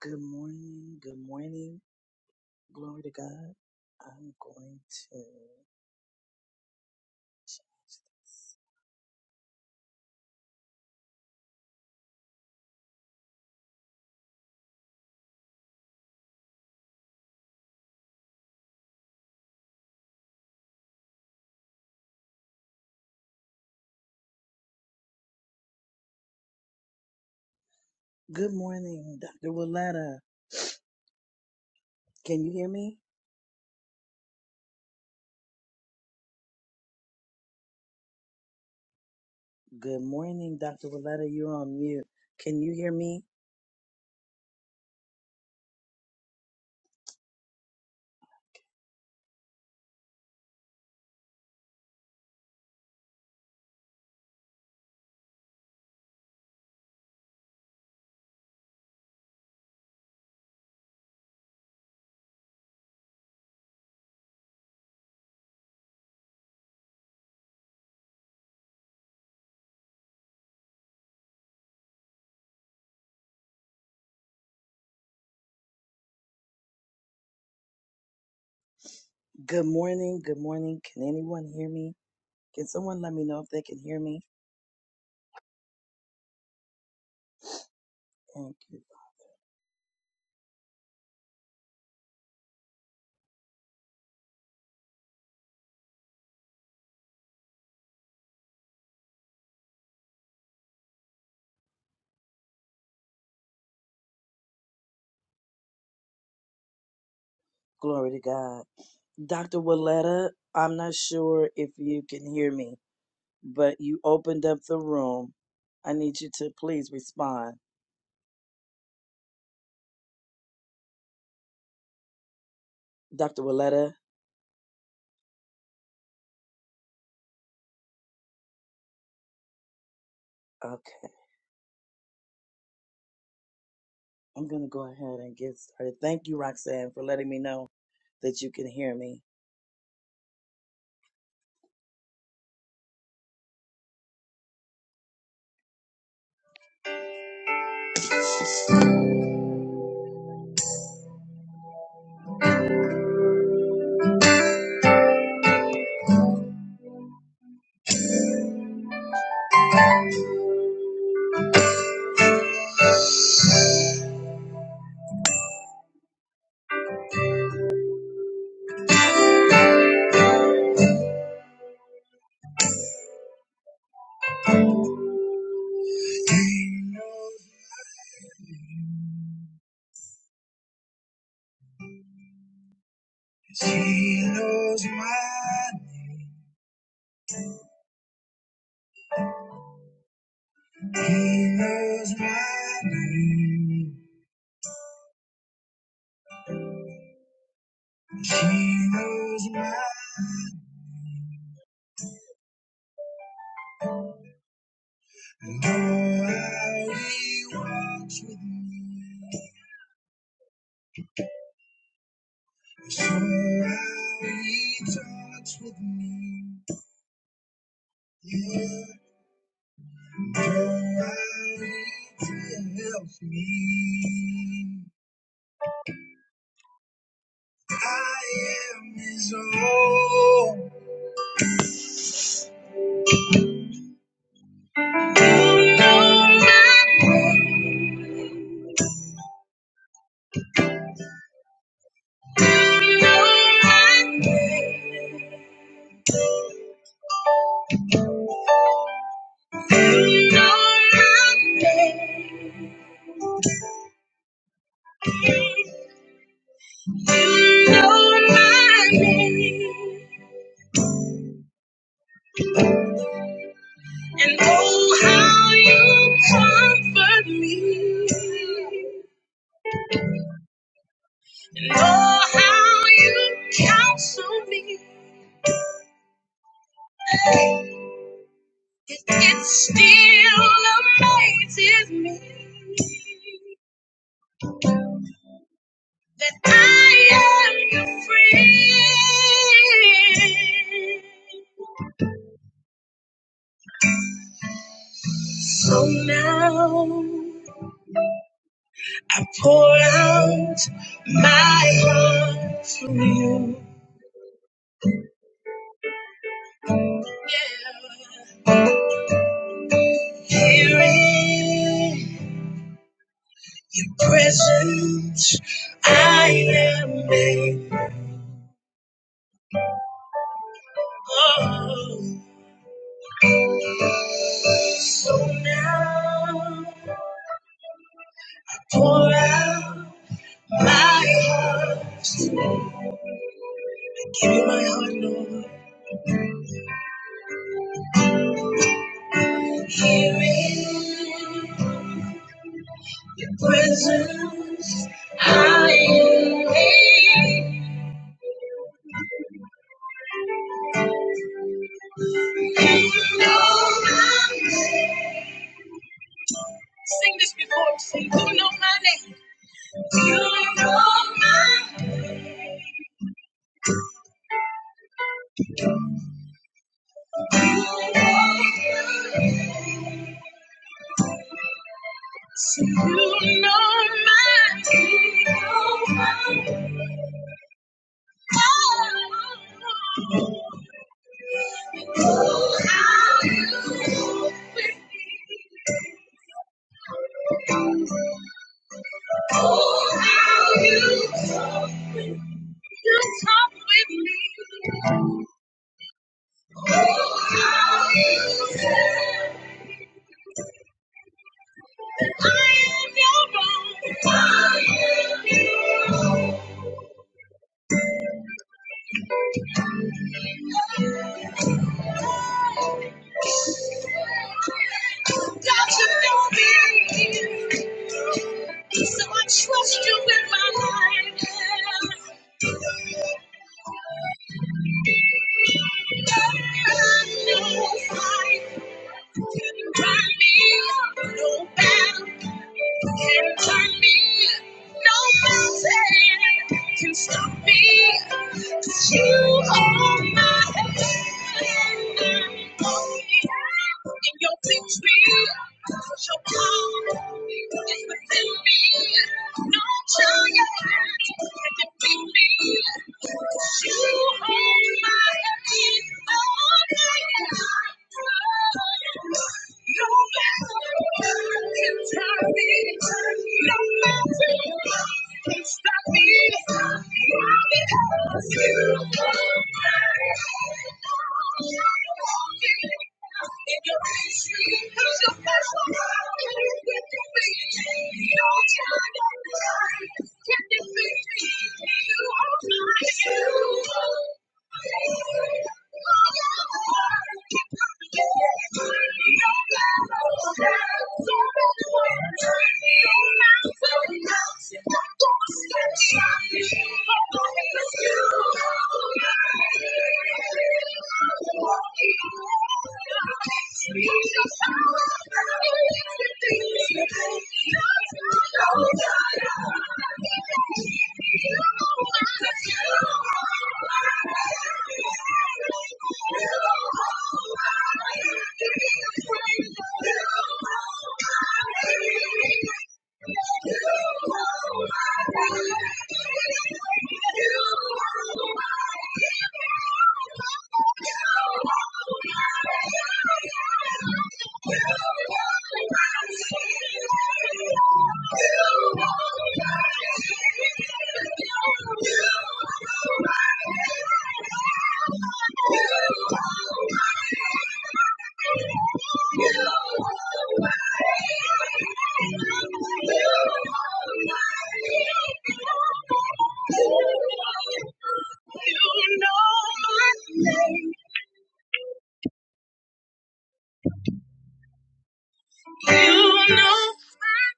Good morning. Good morning. Glory to God. I'm going to change this. Good morning, Dr. Willetta. Can you hear me? Good morning, Dr. Willetta. You're on mute. Can you hear me? Good morning. Good morning. Can anyone hear me? Can someone let me know if they can hear me? Thank you. Glory to God. Dr. Willetta, I'm not sure if you can hear me, but you opened up the room. I need you to please respond. Dr. Willetta. Okay, I'm gonna go ahead and get started. Thank you, Roxanne, for letting me know that you can hear me. And Know how he walks with me. Show how he talks with me. Yeah, know how he helps me. I am his own. And oh, how you comfort me. And oh, how you counsel me. It it still amazes me that I am your friend. So now I pour out my heart to you. Yeah. Here in your presence, I am made. whole. So now, pour out my heart. Give you my heart, Lord. Here in your presence, I am made. You know my name. Sing this before me. Sing, you know my name. You know my name. You know my name. So you know my name. Oh, oh, how you talk with me. Oh, how you talk with me. You talk with me. Oh, how you say that I am your own. I am you. God, you know me. So I trust you with my life. No fight can turn me. No battle can turn me. No mountain can stop me. 'Cause you are my in your victory, your power is within me. No giant can defeat me. You hold my hand all night. No battle can tire me. No mountain can stop me. Can you feel the love tonight? Can you feel the love tonight? Can you feel the love tonight? Can you feel the love tonight? You know my name. You know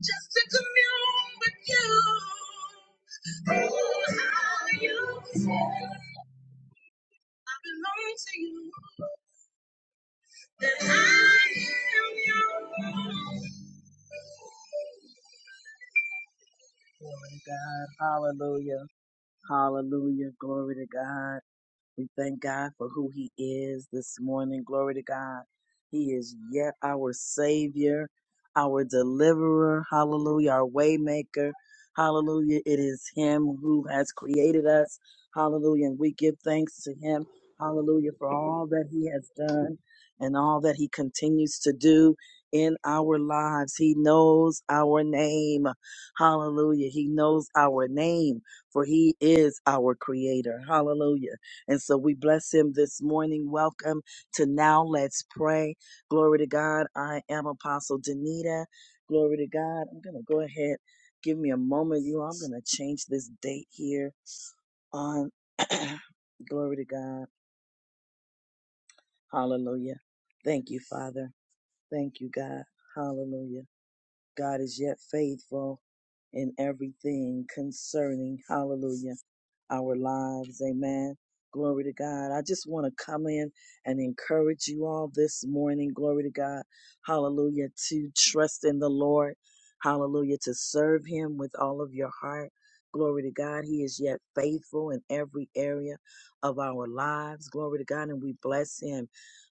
Just to commune with you. Oh, how you I belong to you. That I am yours. Glory to God. Hallelujah. Hallelujah. Glory to God. We thank God for who He is this morning. Glory to God. He is yet our Savior, our deliverer. Hallelujah. Our waymaker. Hallelujah. It is Him who has created us. Hallelujah. And we give thanks to Him. Hallelujah for all that He has done and all that He continues to do in our lives. He knows our name. Hallelujah. He knows our name for He is our Creator. Hallelujah. And so we bless him this morning. Welcome to Now Let's Pray. Glory to God. I am Apostle Danita. Glory to God. I'm going to go ahead. Give me a moment, you. I'm going to change this date here on. Glory to God. Hallelujah. Thank you, Father. Thank you, God. Hallelujah. God is yet faithful in everything concerning, hallelujah our lives. Amen. Glory to God. I just want to come in and encourage you all this morning. Glory to God. Hallelujah. To trust in the Lord. Hallelujah. To serve Him with all of your heart. Glory to God. He is yet faithful in every area of our lives. Glory to God. And we bless Him.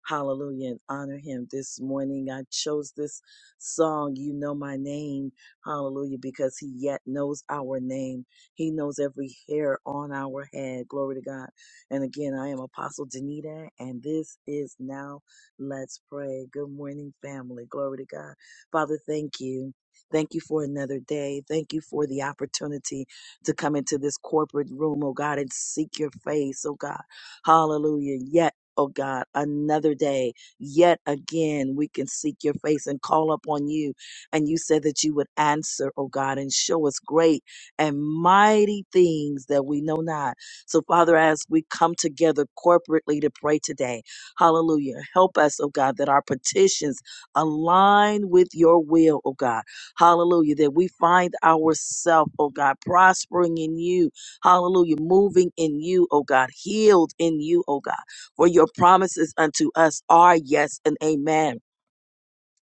Hallelujah. And honor Him this morning. I chose this song, You Know My Name. Hallelujah. Because He yet knows our name. He knows every hair on our head. Glory to God. And again, I am Apostle Danita, and this is Now Let's Pray. Good morning, family. Glory to God. Father, thank you. Thank you for another day. Thank you for the opportunity to come into this corporate room, oh God, and seek your face, oh God. Hallelujah. Yet, oh God, another day. Yet again, we can seek your face and call upon you. And you said that you would answer, oh God, and show us great and mighty things that we know not. So, Father, as we come together corporately to pray today, hallelujah, help us, oh God, that our petitions align with your will, oh God. Hallelujah, that we find ourselves, oh God, prospering in you. Hallelujah, moving in you, oh God, healed in you, oh God. For your promises unto us are yes and amen.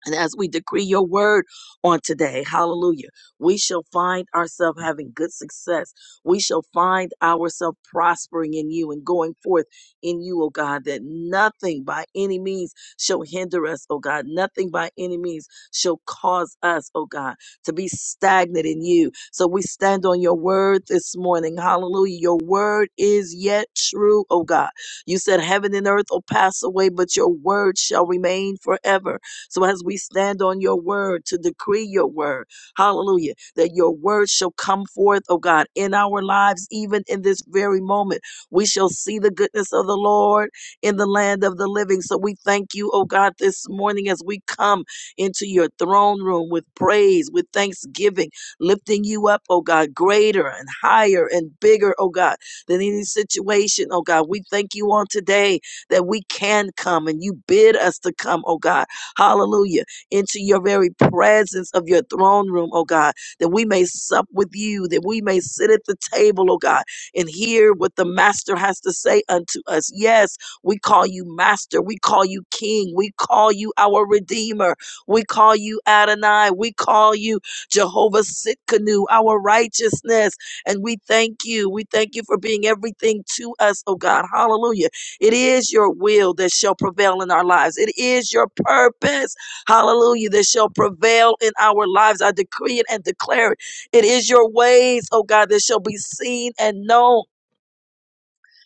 And as we decree your word on today, hallelujah, we shall find ourselves having good success. We shall find ourselves prospering in you and going forth in you, oh God, that nothing by any means shall hinder us, oh God. Nothing by any means shall cause us, oh God, to be stagnant in you. So we stand on your word this morning, hallelujah. Your word is yet true, oh God. You said heaven and earth will pass away, but your word shall remain forever. So as we stand on your word to decree your word, hallelujah, that your word shall come forth, oh God, in our lives, even in this very moment. We shall see the goodness of the Lord in the land of the living. So we thank you, oh God, this morning as we come into your throne room with praise, with thanksgiving, lifting you up, oh God, greater and higher and bigger, oh God, than any situation, oh God. We thank you on today that we can come and you bid us to come, oh God hallelujah, into your very presence of your throne room, oh God, that we may sup with you, that we may sit at the table, oh God, and hear what the Master has to say unto us. Yes, we call you Master, we call you King, we call you our Redeemer, we call you Adonai, we call you Jehovah Sitkanu, our righteousness, and we thank you. We thank you for being everything to us, oh God, hallelujah it is your will that shall prevail in our lives. It is your purpose, hallelujah, that shall prevail in our lives. I decree it and declare it. It is your ways, oh God, that shall be seen and known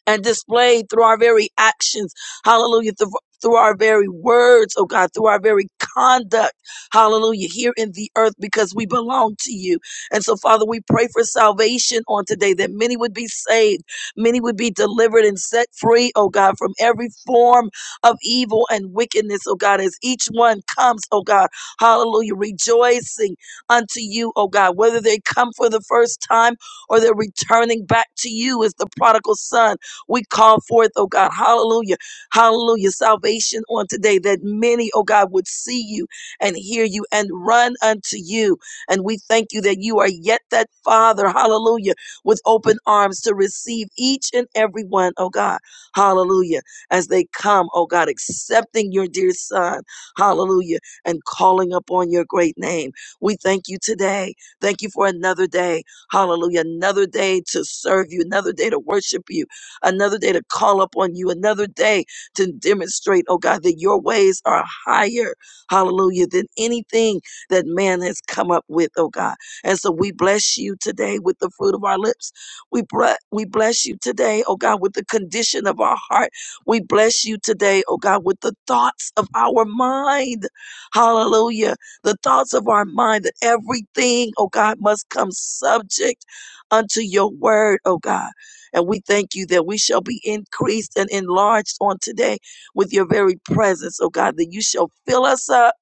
and displayed through our very actions. Hallelujah. Through through our very words, oh God, through our very conduct, hallelujah, here in the earth because we belong to you. And so, Father, we pray for salvation on today that many would be saved, many would be delivered and set free, oh God, from every form of evil and wickedness, oh God, as each one comes, oh God, hallelujah, rejoicing unto you, oh God, whether they come for the first time or they're returning back to you as the prodigal son. We call forth, oh God, hallelujah, hallelujah, salvation on today that many, oh God, would see you and hear you and run unto you. And we thank you that you are yet that Father, hallelujah, with open arms to receive each and every one, oh God, hallelujah, as they come, oh God, accepting your dear Son, hallelujah, and calling upon your great name. We thank you today. Thank you for another day, hallelujah, another day to serve you, another day to worship you another day to call up on you, another day to demonstrate, oh God, that your ways are higher, hallelujah, than anything that man has come up with, oh God. And so we bless you today with the fruit of our lips. We, bre- we bless you today, oh God, with the condition of our heart. We bless you today, oh God, with the thoughts of our mind. Hallelujah. The thoughts of our mind that everything, oh God, must come subject unto your word, oh God. And we thank you that we shall be increased and enlarged on today with your very presence, oh God, that you shall fill us up,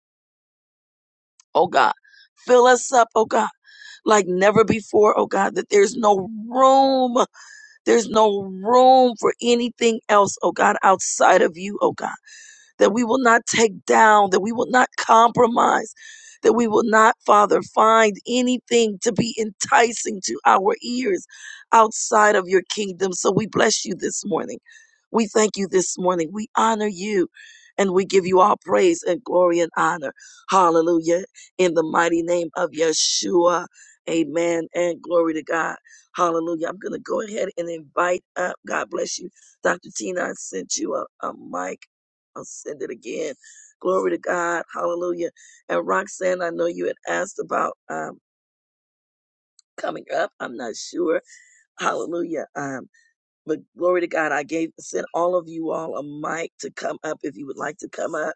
oh God. Fill us up, oh God, like never before, oh God, that there's no room, there's no room for anything else, oh God, outside of you, oh God that we will not take down, that we will not compromise, that we will not, Father, find anything to be enticing to our ears outside of your kingdom. So we bless you this morning. We thank you this morning. We honor you and we give you all praise and glory and honor. Hallelujah. In the mighty name of Yeshua. Amen and glory to God. Hallelujah. I'm going to go ahead and invite up. God bless you. Dr. Tina, I sent you a, a mic. I'll send it again. Glory to God. Hallelujah. And Roxanne, I know you had asked about um, coming up. I'm not sure. Hallelujah. Um, but glory to God, I gave sent all of you all a mic to come up if you would like to come up.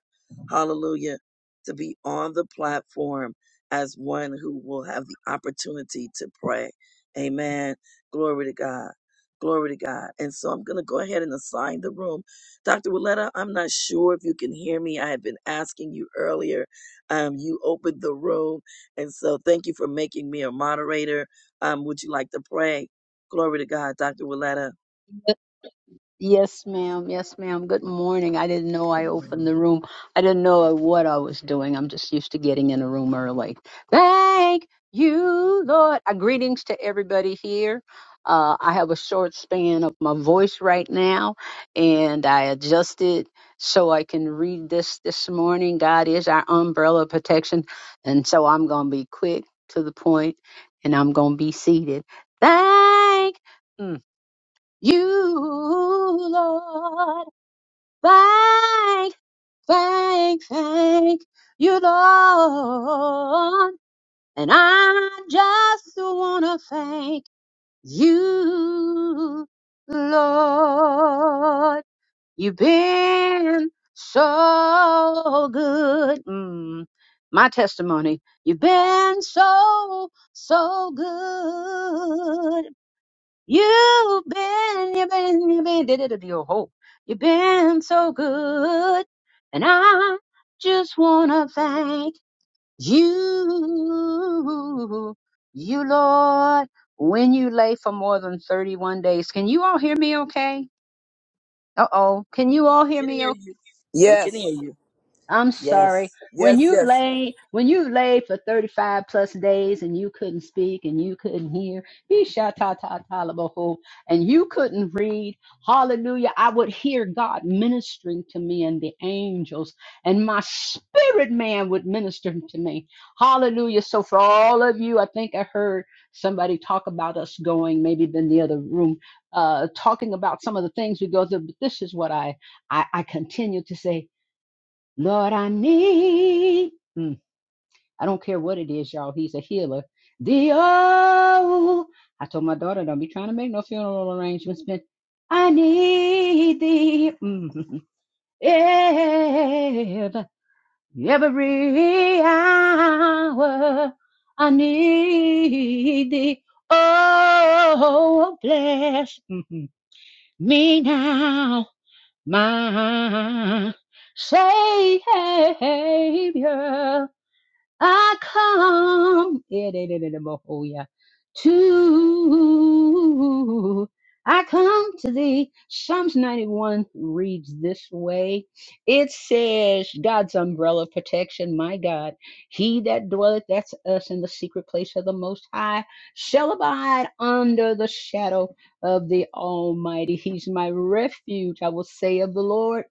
Hallelujah. To be on the platform as one who will have the opportunity to pray. Amen. Glory to God. Glory to God. And so I'm going to go ahead and assign the room. Dr. Willetta, I'm not sure if you can hear me. I had been asking you earlier. Um, you opened the room. And so thank you for making me a moderator. Um, would you like to pray? Glory to God, Dr. Willetta. Yep. Yes, ma'am. Yes, ma'am. Good morning. I didn't know I Good opened morning. the room. I didn't know what I was doing. I'm just used to getting in a room early. Thank you, Lord. Uh, greetings to everybody here. Uh, I have a short span of my voice right now, and I adjusted so I can read this this morning. God is our umbrella of protection, and so I'm going to be quick to the point, and I'm going to be seated. Thank. hmm, you, Lord, thank, thank, thank you, Lord. And I just want to thank you, Lord. You've been so good. Mm, my testimony. You've been so, so good. You've been, you've been, you've been, did it your whole. You've been so good, and I just wanna thank you, you Lord. When you lay for more than 31 days, can you all hear me okay? Uh oh. Can you all hear We can me hear okay? you. We can hear Yes, you. I'm sorry. Yes. When yes, you've yes. laid, when you've laid for 35 plus days and you couldn't speak and you couldn't hear, he shot ta ta ta la ba ho, and you couldn't read, hallelujah, I would hear God ministering to me and the angels, and my spirit man would minister to me. Hallelujah. So for all of you, I think I heard somebody talk about us going, maybe in the other room, uh, talking about some of the things we go through, but this is what I, I, I continue to say. Lord, I need. Mm, I don't care what it is, y'all. He's a healer. The oh, I told my daughter, don't be trying to make no funeral arrangements, but I need thee mm, ever, every hour. I need thee. Oh, bless mm, me now, my Savior. I come yeah, da, da, da, da, bo- oh, yeah, to I come to thee. Psalms 91 reads this way. It says, God's umbrella of protection, my God, he that dwelleth, that's us in the secret place of the most high, shall abide under the shadow of the Almighty. He's my refuge, I will say of the Lord.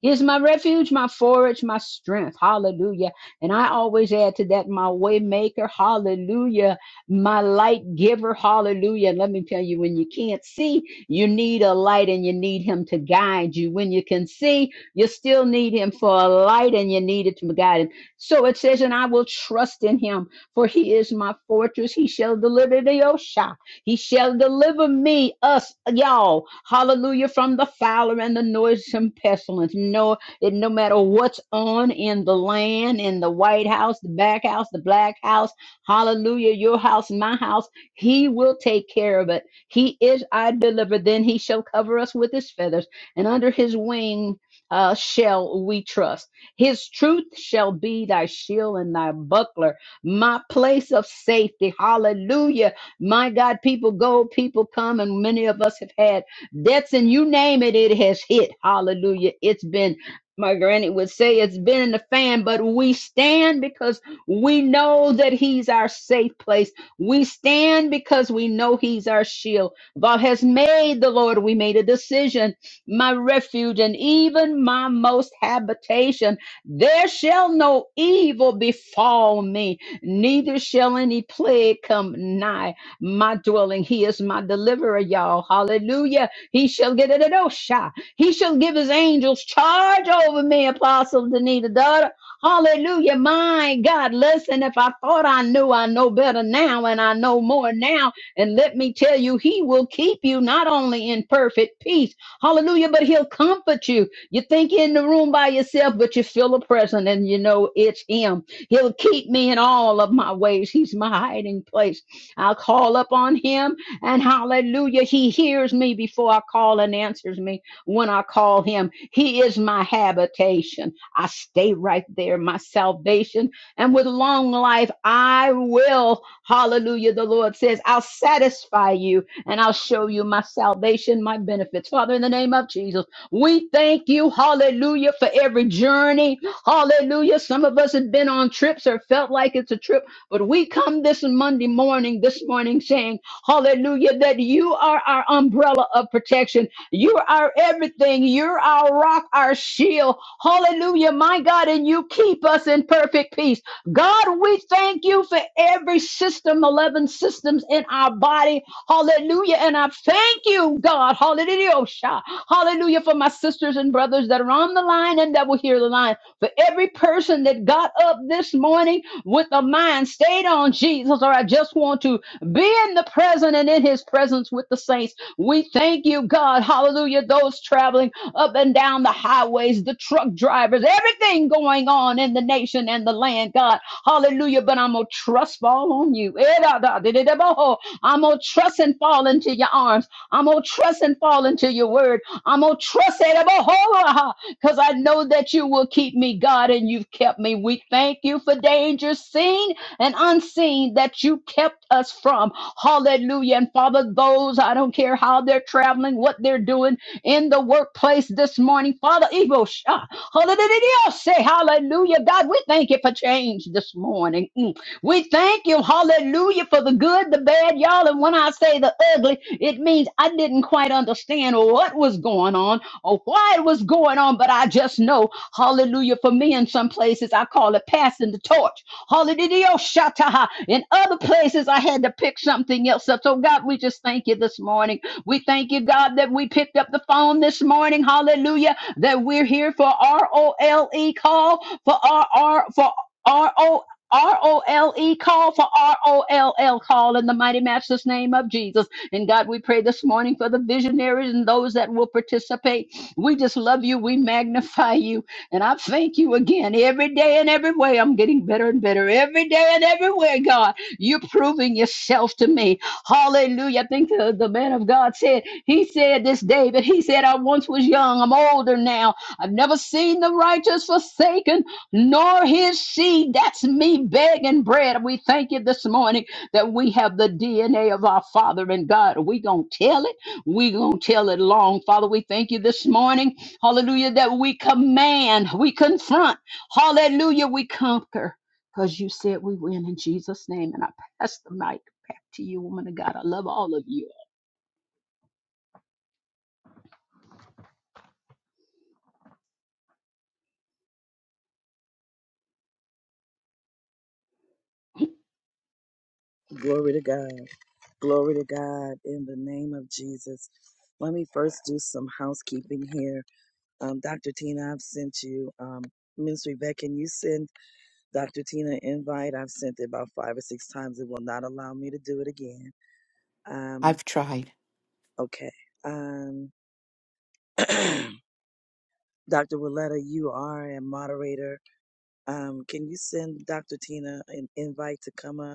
He is my refuge, my forage, my strength. Hallelujah. And I always add to that, my way maker. Hallelujah. My light giver. Hallelujah. And let me tell you, when you can't see, you need a light and you need him to guide you. When you can see, you still need him for a light and you need it to guide him. So it says, and I will trust in him for he is my fortress. He shall deliver thee, O Shah. He shall deliver me, us, y'all, hallelujah, from the fowler and the noisome pestilence. No, it no matter what's on in the land, in the White House, the back house, the black house, hallelujah, your house, my house, he will take care of it. He is our deliverer. Then he shall cover us with his feathers, and under his wing uh, shall we trust. His truth shall be thy shield and thy buckler, my place of safety. Hallelujah. My God, people go, people come, and many of us have had debts, and you name it, it has hit. Hallelujah. It's been, my granny would say, it's been in the fan, but we stand because we know that He's our safe place. We stand because we know He's our shield. God has made the Lord, we made a decision, my refuge, and even my most habitation. There shall no evil befall me neither shall any plague come nigh my dwelling. He is my deliverer, y'all. Hallelujah. He shall get it at Osha. He shall give his angels charge over me, Apostle Danita, daughter. Hallelujah. My God, listen, if I thought I knew, I know better now, and I know more now. And let me tell you, he will keep you not only in perfect peace, hallelujah, but he'll comfort you. You think you're in the room by yourself, but you feel a presence and you know it's him. He'll keep me in all of my ways. He's my hiding place. I'll call up on him and hallelujah. He hears me before I call and answers me when I call him. He is my habitation. I stay right there, my salvation. And with long life, I will, hallelujah. The Lord says, I'll satisfy you and I'll show you my salvation, my benefits. Father, in the name of Jesus, we thank you, hallelujah, for every journey. Hallelujah. Some of us have been on trips or felt like it's a trip but we come this Monday morning, this morning saying, hallelujah, that you are our umbrella of protection. You are everything. You're our rock, our shield. Hallelujah, my God, and you keep us in perfect peace. God, we thank you for every system, 11 systems in our body. Hallelujah. And I thank you, God. Hallelujah. Oh, sha. Hallelujah for my sisters and brothers that are on the line and that will hear the line. For every person that got up this morning with a mind stayed on Jesus, or I just want to be in the present and in his presence with the saints. We thank you, God. Hallelujah. Those traveling up and down the highways, the truck drivers, everything going on in the nation and the land, God. Hallelujah. But I'm going to trust fall on you. Eh, da, da, di, di, di, bo, I'm going to trust and fall into your arms. I'm going to trust and fall into your word. I'm going to trust it because I know that you will keep me, God, and you've kept me. We thank you for dangers seen and unseen that you kept us from. Hallelujah. And Father, those, I don't care how they're traveling, what they're doing in the workplace this morning, Father, Evo, Shah, hallelujah, say hallelujah. God, we thank you for change this morning. Mm. We thank you, hallelujah, for the good, the bad, y'all. And when I say the ugly, it means I didn't quite understand what was going on or why it was going on, but I just know, hallelujah, for me in some places, I call it passing the torch. Hallelujah, shataha. In other places, I had to pick something else up. So, God, we just thank you this morning. We thank you, God, that we picked up the phone this morning. Hallelujah, that we're here for R O L E call, for R R, for R O L E. R O L E call for R O L L call in the mighty master's name of Jesus. And God, we pray this morning for the visionaries and those that will participate. We just love you. We magnify you. And I thank you again. Every day and every way, I'm getting better and better. Every day and every way, God, you're proving yourself to me. Hallelujah. I think the, the man of God said, He said this, David, He said, I once was young. I'm older now. I've never seen the righteous forsaken, nor his seed. That's me begging bread. We thank you this morning that we have the DNA of our Father and God. Are we going to tell it? we going to tell it long. Father, we thank you this morning. Hallelujah. That we command, we confront. Hallelujah. We conquer because you said we win in Jesus' name. And I pass the mic back to you, woman of God. I love all of you. Glory to God. Glory to God in the name of Jesus. Let me first do some housekeeping here. Um, Dr. Tina, I've sent you, um, Ministry Vet, can you send Dr. Tina an invite? I've sent it about five or six times. It will not allow me to do it again. Um, I've tried. okay. Um, Dr. Willetta, you are a moderator. Um, can you send Dr. Tina an invite to come up?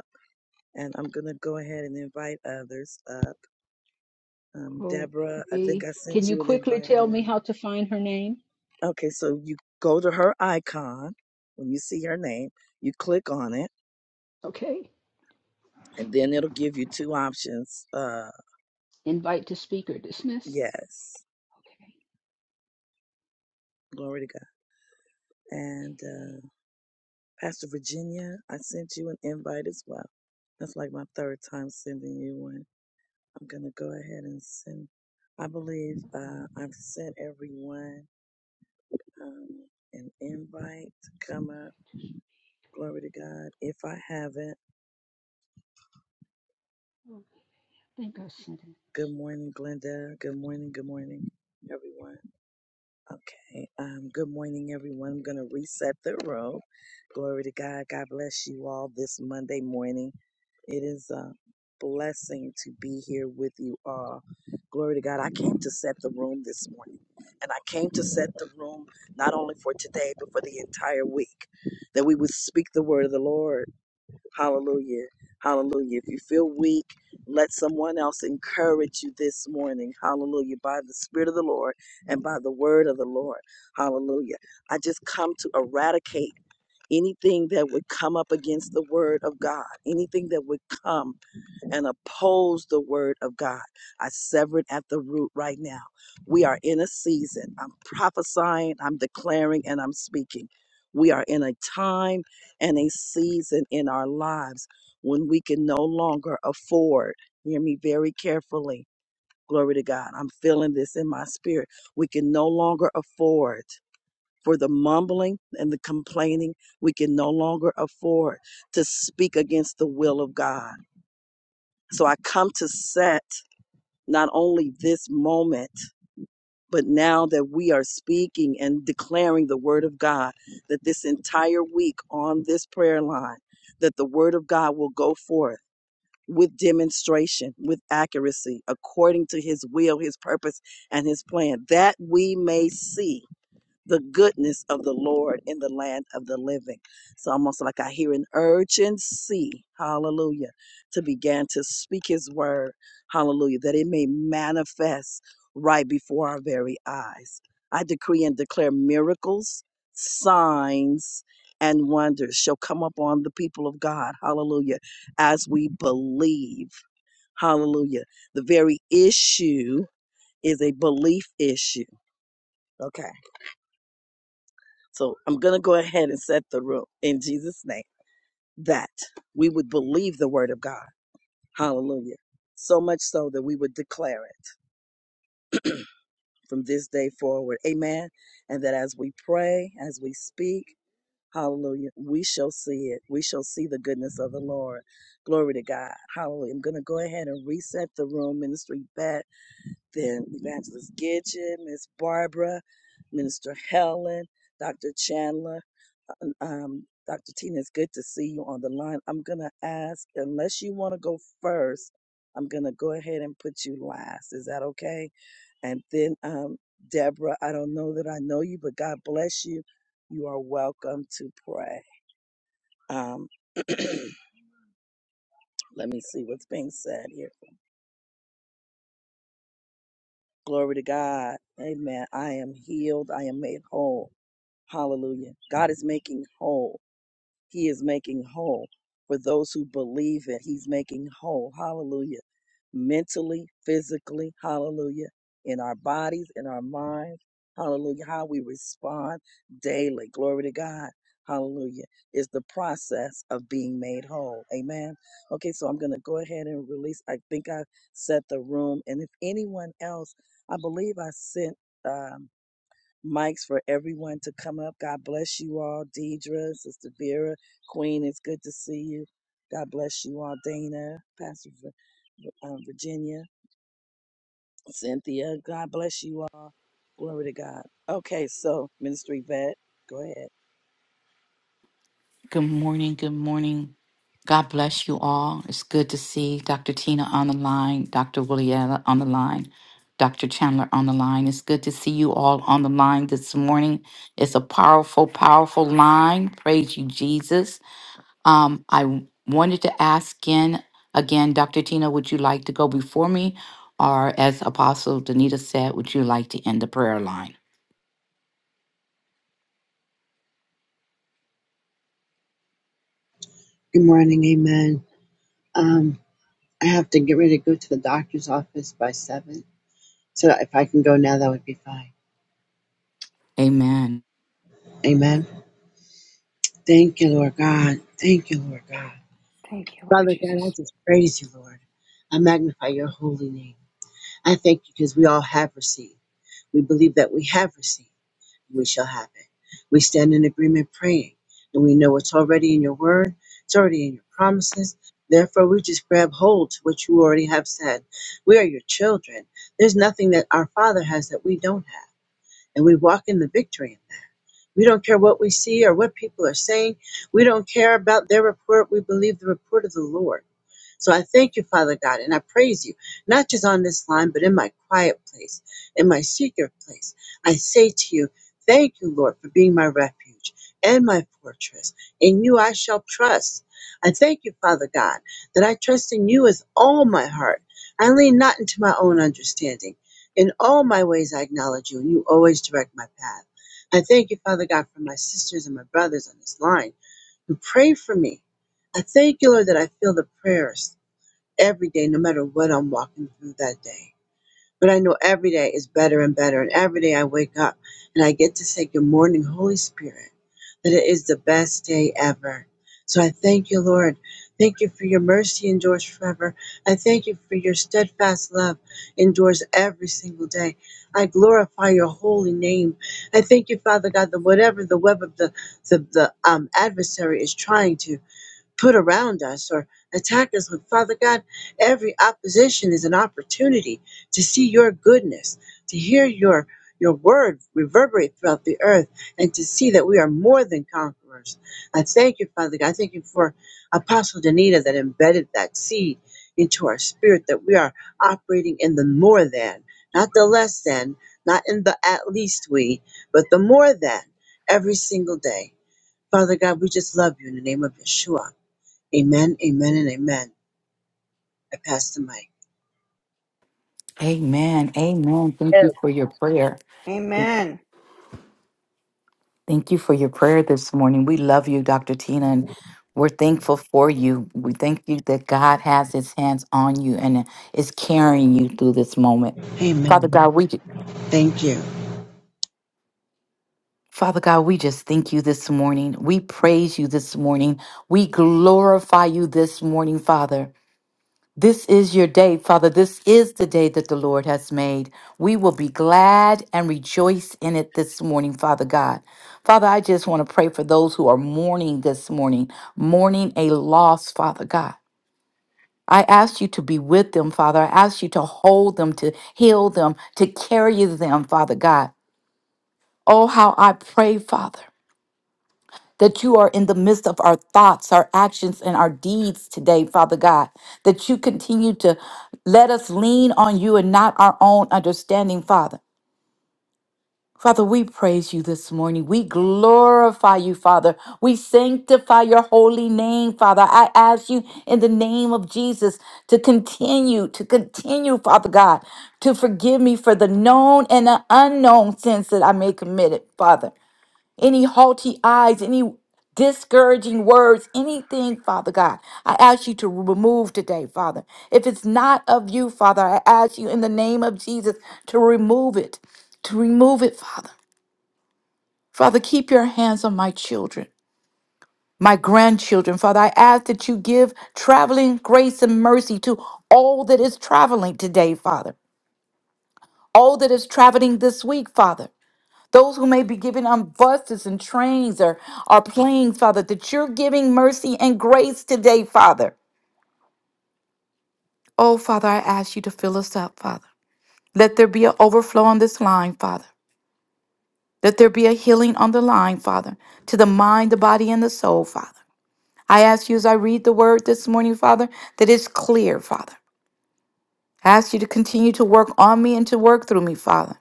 and I'm gonna go ahead and invite others up. Um, Deborah, I think Okay. I Can sent you you an quickly invite tell me already. how to find her name? Okay, so you go to her icon when you see her name, you click on it, Okay. and then it'll give you two options. Uh, Invite to speak or dismiss? yes, glory to God. And Okay. uh, Pastor Virginia, I sent you an invite as well. That's like my third time sending you one. I'm gonna go ahead and send. I believe uh, I've sent everyone um, an invite to come up. Glory to God. If I haven't, I think I sent it. good morning, Glenda. Good morning. Good morning, everyone. Okay. Um, good morning, everyone. I'm going to reset the room. Glory to God. God bless you all this Monday morning. It is a blessing to be here with you all. Glory to God. I came to set the room this morning. And I came to set the room not only for today, but for the entire week, that we would speak the word of the Lord Hallelujah. Hallelujah. If you feel weak, let someone else encourage you this morning. Hallelujah. By the Spirit of the Lord and by the word of the Lord. Hallelujah. I just come to eradicate anything that would come up against the word of God, anything that would come and oppose the word of God. I sever it at the root right now. We are in a season. I'm prophesying, I'm declaring, and I'm speaking. We are in a time and a season in our lives when we can no longer afford, hear me very carefully. Glory to God. I'm feeling this in my spirit. We can no longer afford for the mumbling and the complaining. We can no longer afford to speak against the will of God so I come to set not only this moment, but now that we are speaking and declaring the word of God, that this entire week on this prayer line, that the word of God will go forth with demonstration, with accuracy, according to his will, his purpose, and his plan, that we may see the goodness of the Lord in the land of the living. It's almost like I hear an urgency, hallelujah, to begin to speak his word, hallelujah, that it may manifest right before our very eyes. I decree and declare miracles, signs, and wonders shall come upon the people of God, hallelujah, as we believe, hallelujah. The very issue is a belief issue, okay? So I'm going to go ahead and set the room in Jesus' name that we would believe the word of God. Hallelujah. So much so that we would declare it from this day forward. Amen. And that as we pray, as we speak, hallelujah, we shall see it. We shall see the goodness of the Lord. Glory to God. Hallelujah. I'm going to go ahead and reset the room, Ministry Vet. then Evangelist Gidget, Miss Barbara, Minister Helen, Dr. Chandler, um, um, Dr. Tina, it's good to see you on the line. I'm going to ask, unless you want to go first, I'm going to go ahead and put you last. Is that okay? And then, um, Deborah, I don't know that I know you, but God bless you. You are welcome to pray. Um, let me see what's being said here. Glory to God. Amen. I am healed. I am made whole. Hallelujah. God is making whole. He is making whole for those who believe it. He's making whole. Hallelujah. Mentally, physically, hallelujah. In our bodies, in our minds, hallelujah. How we respond daily. Glory to God. Hallelujah. Is the process of being made whole. Amen. Okay, so I'm going to go ahead and release. I think I set the room. And if anyone else, I believe I sent. Um, mics for everyone to come up. God bless you all. Deidre, Sister Vera, Queen, it's good to see you. God bless you all. Dana, Pastor Vir- um, Virginia, Cynthia, God bless you all. Glory to God. Okay, so ministry vet, go ahead. Good morning. Good morning. God bless you all. It's good to see Dr. Tina on the line, Dr. Williella on the line, Dr. Chandler on the line. It's good to see you all on the line this morning. It's a powerful, powerful line. Praise you, Jesus. Um, I wanted to ask again, again, Dr. Tina, would you like to go before me? Or as Apostle Danita said, would you like to end the prayer line? Good morning, amen. Um, I have to get ready to go to the doctor's office by seven. So if I can go now, that would be fine. Amen. Amen. Thank you, Lord God. Thank you, Lord God. Thank you, Lord Father God, I Jesus. just praise you, Lord. I magnify your holy name. I thank you because we all have received. We believe that we have received. we shall have it. We stand in agreement praying, and we know it's already in your word, it's already in your promises. Therefore, we just grab hold to what you already have said. We are your children. There's nothing that our Father has that we don't have, and we walk in the victory in that. We don't care what we see or what people are saying. We don't care about their report. We believe the report of the Lord. So I thank you, Father God, and I praise you, not just on this line, but in my quiet place, in my secret place. I say to you, thank you, Lord, for being my refuge and my fortress. In you I shall trust. I thank you, Father God, that I trust in you with all my heart. I lean not into my own understanding. In all my ways I acknowledge you, and you always direct my path. I thank you, Father God, for my sisters and my brothers on this line who pray for me. I thank you, Lord, that I feel the prayers every day, no matter what I'm walking through that day. But I know every day is better and better. And every day I wake up and I get to say, Good morning, Holy Spirit, that it is the best day ever. So I thank you, Lord. Thank you for your mercy endures forever. I thank you for your steadfast love endures every single day. I glorify your holy name. I thank you, Father God, that whatever the web of the, the, the um, adversary is trying to put around us or attack us with. Father God, every opposition is an opportunity to see your goodness, to hear your your word reverberate throughout the earth and to see that we are more than conquerors. I thank you, Father God. I thank you for Apostle Danita that embedded that seed into our spirit that we are operating in the more than, not the less than, not in the at least we, but the more than every single day. Father God, we just love you in the name of Yeshua. Amen, amen, and amen. I pass the mic. Amen. Amen. Thank you for your prayer. Amen. Thank you for your prayer this morning. We love you, Dr. Tina, and we're thankful for you. We thank you that God has his hands on you and is carrying you through this moment. Father Amen. God, we Thank you. Father God, we just thank you this morning. We praise you this morning. We glorify you this morning, Father. This is your day, Father. This is the day that the Lord has made. We will be glad and rejoice in it this morning, Father God. Father, I just want to pray for those who are mourning this morning, mourning a loss, Father God. I ask you to be with them, Father. I ask you to hold them, to heal them, to carry them, Father God. Oh, how I pray, Father that you are in the midst of our thoughts, our actions, and our deeds today, Father God. That you continue to let us lean on you and not our own understanding, Father. Father, we praise you this morning. We glorify you, Father. We sanctify your holy name, Father. I ask you in the name of Jesus to continue, to continue, Father God, to forgive me for the known and the unknown sins that I may committed, Father any haughty eyes, any discouraging words, anything, Father God. I ask you to remove today, Father. If it's not of you, Father, I ask you in the name of Jesus to remove it, to remove it, Father. Father, keep your hands on my children. My grandchildren, Father, I ask that you give traveling grace and mercy to all that is traveling today, Father. All that is traveling this week, Father. Those who may be given on buses and trains or, or planes, Father, that you're giving mercy and grace today, Father. Oh, Father, I ask you to fill us up, Father. Let there be an overflow on this line, Father. Let there be a healing on the line, Father, to the mind, the body, and the soul, Father. I ask you as I read the word this morning, Father, that it's clear, Father. I ask you to continue to work on me and to work through me, Father.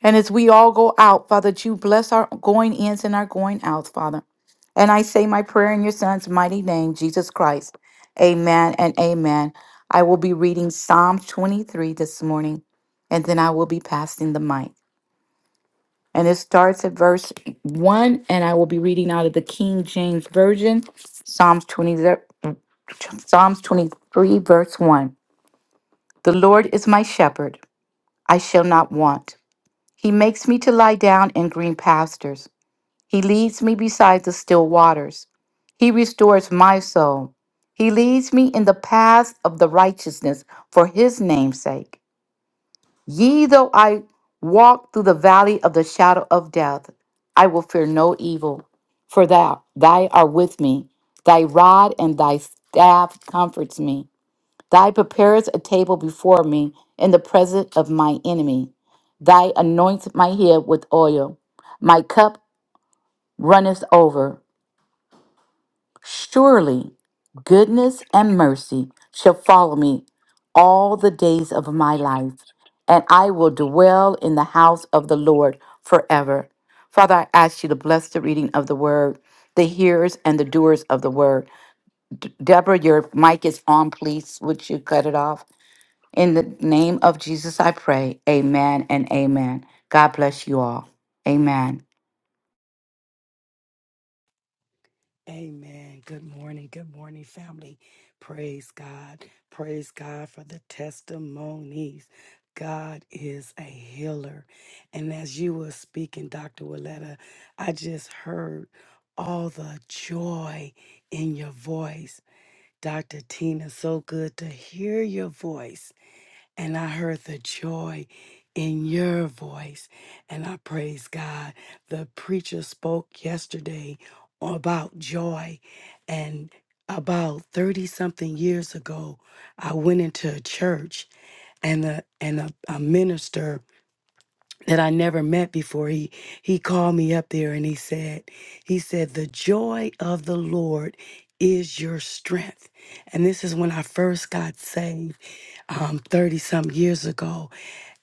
And as we all go out, Father, that you bless our going ins and our going outs, Father. And I say my prayer in your son's mighty name, Jesus Christ. Amen and amen. I will be reading Psalm 23 this morning, and then I will be passing the mic. And it starts at verse 1, and I will be reading out of the King James Version, Psalms 20, ver- Psalms 23, verse 1. The Lord is my shepherd, I shall not want. He makes me to lie down in green pastures. He leads me beside the still waters. He restores my soul. He leads me in the paths of the righteousness for his name's sake. Yea, though I walk through the valley of the shadow of death, I will fear no evil, for thou, thy art with me. Thy rod and thy staff comforts me. Thy preparest a table before me in the presence of my enemy. Thy anoints my head with oil. My cup runneth over. Surely goodness and mercy shall follow me all the days of my life, and I will dwell in the house of the Lord forever. Father, I ask you to bless the reading of the word, the hearers and the doers of the word. D- Deborah, your mic is on, please. Would you cut it off? In the name of Jesus, I pray. Amen and amen. God bless you all. Amen. Amen. Good morning. Good morning, family. Praise God. Praise God for the testimonies. God is a healer. And as you were speaking, Dr. Willetta, I just heard all the joy in your voice. Dr. Tina, so good to hear your voice and I heard the joy in your voice. And I praise God. The preacher spoke yesterday about joy, and about 30 something years ago, I went into a church and the and a, a minister that I never met before he he called me up there and he said he said the joy of the Lord is your strength and this is when I first got saved um 30 some years ago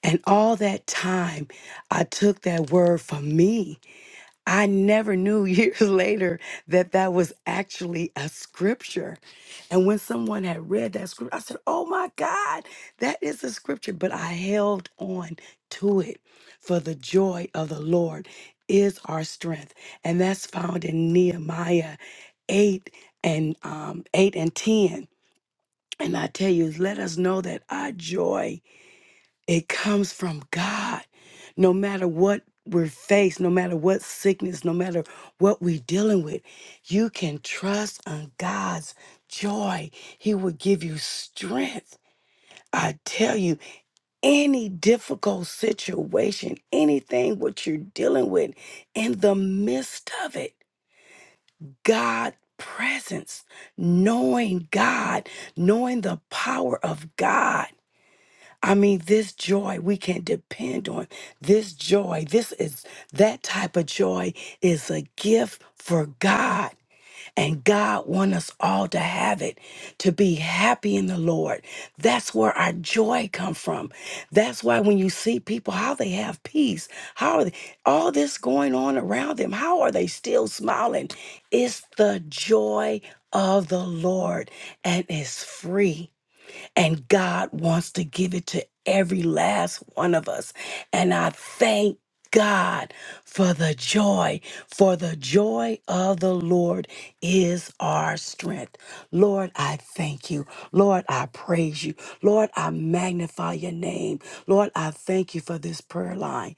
and all that time, I took that word for me. I never knew years later that that was actually a scripture. And when someone had read that scripture, I said, Oh my God, that is a scripture. But I held on to it for the joy of the Lord is our strength. And that's found in Nehemiah 8 and um, 8 and 10. And I tell you, let us know that our joy it comes from God. No matter what we're faced, no matter what sickness, no matter what we're dealing with, you can trust on God's joy. He will give you strength. I tell you, any difficult situation, anything what you're dealing with, in the midst of it, God presence, knowing God, knowing the power of God I mean, this joy we can depend on. This joy, this is that type of joy is a gift for God. And God wants us all to have it, to be happy in the Lord. That's where our joy come from. That's why when you see people, how they have peace, how are they, all this going on around them, how are they still smiling? It's the joy of the Lord and it's free. And God wants to give it to every last one of us. And I thank God for the joy, for the joy of the Lord is our strength. Lord, I thank you. Lord, I praise you. Lord, I magnify your name. Lord, I thank you for this prayer line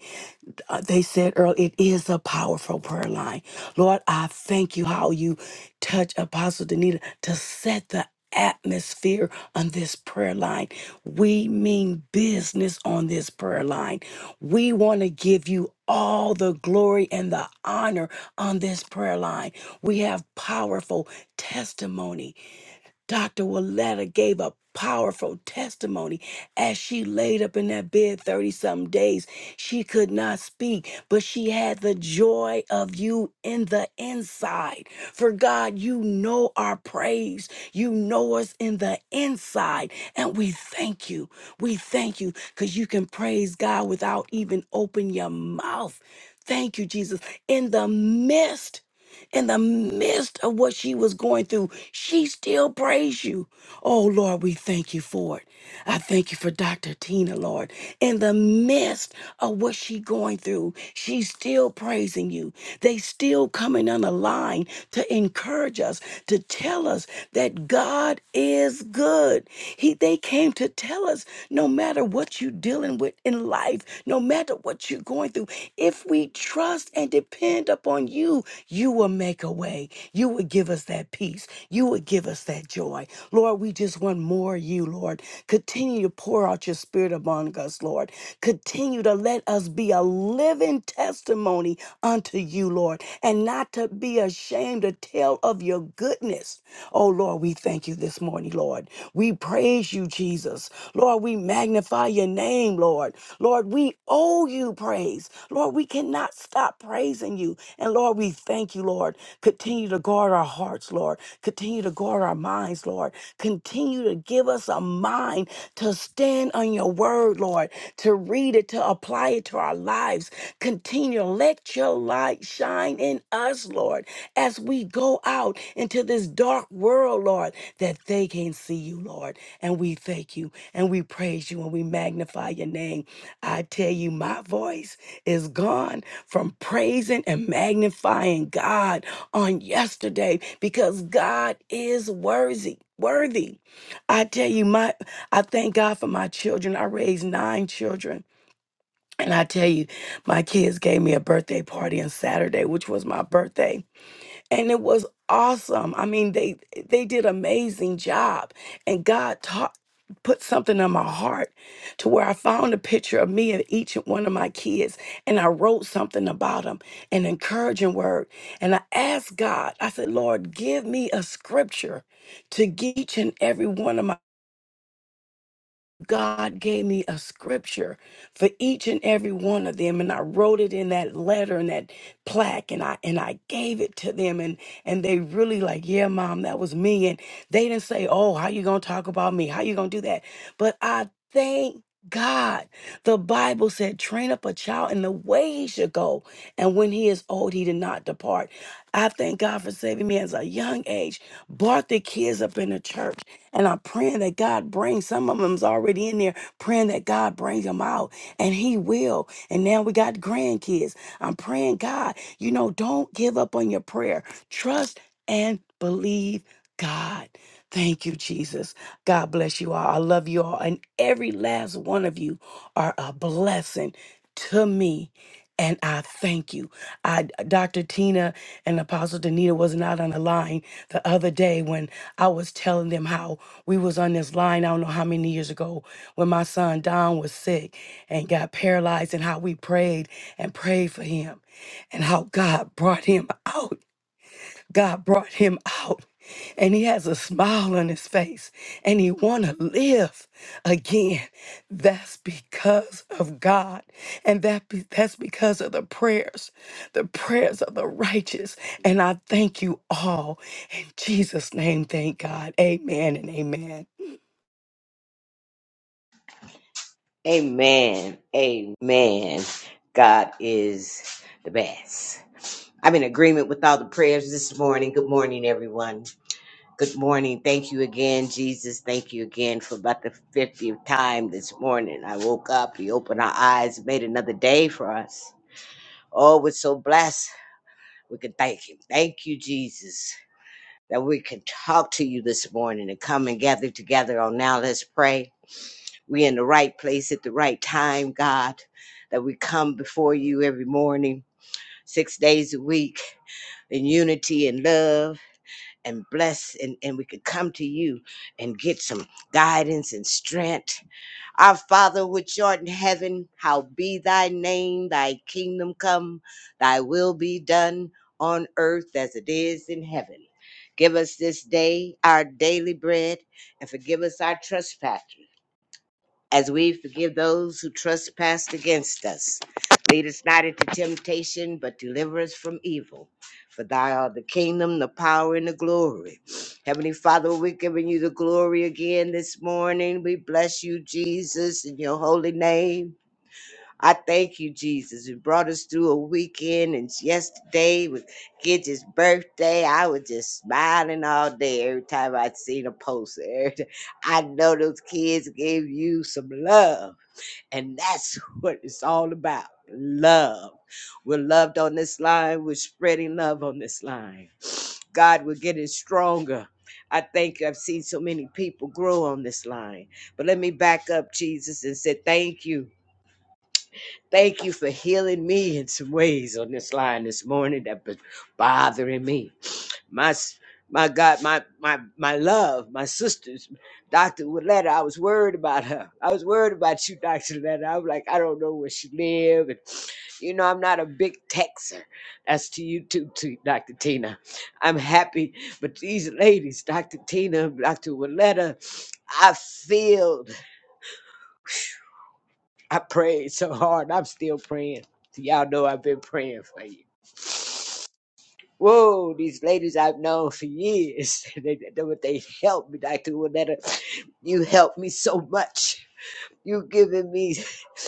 uh, they said earlier, it is a powerful prayer line. Lord, I thank you how you touch Apostle Danita to set the atmosphere on this prayer line. We mean business on this prayer line. We want to give you all the glory and the honor on this prayer line. We have powerful testimony Dr. Willetta gave a powerful testimony as she laid up in that bed 30 some days. She could not speak, but she had the joy of you in the inside. For God, you know our praise. You know us in the inside. And we thank you. We thank you because you can praise God without even open your mouth. Thank you, Jesus. In the midst in the midst of what she was going through, she still praised you. Oh, Lord, we thank you for it. I thank you for Dr. Tina, Lord. In the midst of what she going through, she's still praising you. They still coming on the line to encourage us, to tell us that God is good. He they came to tell us no matter what you're dealing with in life, no no matter what you're going through, if we trust and depend upon you, you will make a way. You will give us that peace. You will give us that joy. Lord, we just want more of you, Lord. Continue to pour out your spirit among us, Lord. Continue to let us be a living testimony unto you, Lord, and not to be ashamed to tell of your goodness. Oh, Lord, we thank you this morning, Lord. We praise you, Jesus. Lord, we magnify your name, Lord. Lord, we owe you praise. Lord, we cannot stop praising you. And Lord, we thank you, Lord. Continue to guard our hearts, Lord. Continue to guard our minds, Lord. Continue to give us a mind to stand on your word, Lord, to read it, to apply it to our lives. Continue to let your light shine in us, Lord, as we go out into this dark world, Lord that they can see you, Lord. And we thank you and we praise you and we magnify your name. I tell you, my voice is gone from praising and magnifying God on yesterday because God is worthy. Worthy. I tell you, my I thank God for my children. I raised nine children. And I tell you, my kids gave me a birthday party on Saturday, which was my birthday and it was awesome. I mean, they they did amazing job, and God taught put something on my heart to where I found a picture of me and each one of my kids, and I wrote something about them, an encouraging word, and I asked God. I said, Lord, give me a scripture to give each and every one of my. God gave me a scripture for each and every one of them and I wrote it in that letter and that plaque and I and I gave it to them and and they really like yeah mom that was me and they didn't say oh how you going to talk about me how you going to do that but I thank God the Bible said train up a child in the way he should go and when he is old he did not depart I thank God for saving me as a young age brought the kids up in the church and I'm praying that God brings some of them's already in there, praying that God brings them out. And He will. And now we got grandkids. I'm praying, God, you know, don't give up on your prayer. Trust and believe God. Thank you, Jesus. God bless you all. I love you all. And every last one of you are a blessing to me. And I thank you. I Dr. Tina and Apostle Danita was not on the line the other day when I was telling them how we was on this line, I don't know how many years ago, when my son Don was sick and got paralyzed and how we prayed and prayed for him and how God brought him out. God brought him out and he has a smile on his face and he want to live again that's because of god and that be, that's because of the prayers the prayers of the righteous and i thank you all in jesus name thank god amen and amen Amen. Amen. God is the best. I'm in agreement with all the prayers this morning. Good morning, everyone. Good morning. Thank you again, Jesus. Thank you again for about the 50th time this morning. I woke up, He opened our eyes, made another day for us. Oh, we're so blessed. We can thank Him. Thank you, Jesus, that we can talk to you this morning and come and gather together on Now Let's Pray. we in the right place at the right time, God, that we come before you every morning, six days a week, in unity and love and bless, and, and we could come to you and get some guidance and strength. Our Father, which art in heaven, how be thy name, thy kingdom come, thy will be done on earth as it is in heaven. Give us this day our daily bread and forgive us our trespasses as we forgive those who trespass against us. Lead us not into temptation, but deliver us from evil. For thy art the kingdom, the power, and the glory. Heavenly Father, we're giving you the glory again this morning. We bless you, Jesus, in your holy name. I thank you, Jesus. You brought us through a weekend, and yesterday was Gidget's birthday. I was just smiling all day every time I would seen a post. Every ti- I know those kids gave you some love, and that's what it's all about love. We're loved on this line, we're spreading love on this line. God, we're getting stronger. I think I've seen so many people grow on this line. But let me back up, Jesus, and say thank you. Thank you for healing me in some ways on this line this morning that been bothering me. My s- my God, my my my love, my sisters, Dr. Willetta, I was worried about her. I was worried about you, Dr. Willetta. I was like, I don't know where she live. And you know, I'm not a big texer. That's to you too, too, Dr. Tina. I'm happy. But these ladies, Dr. Tina, Dr. Willetta, I feel. I prayed so hard. I'm still praying. So, Y'all know I've been praying for you. Whoa, these ladies I've known for years. they, they, they helped me, Dr. Willetta. You helped me so much. You given me,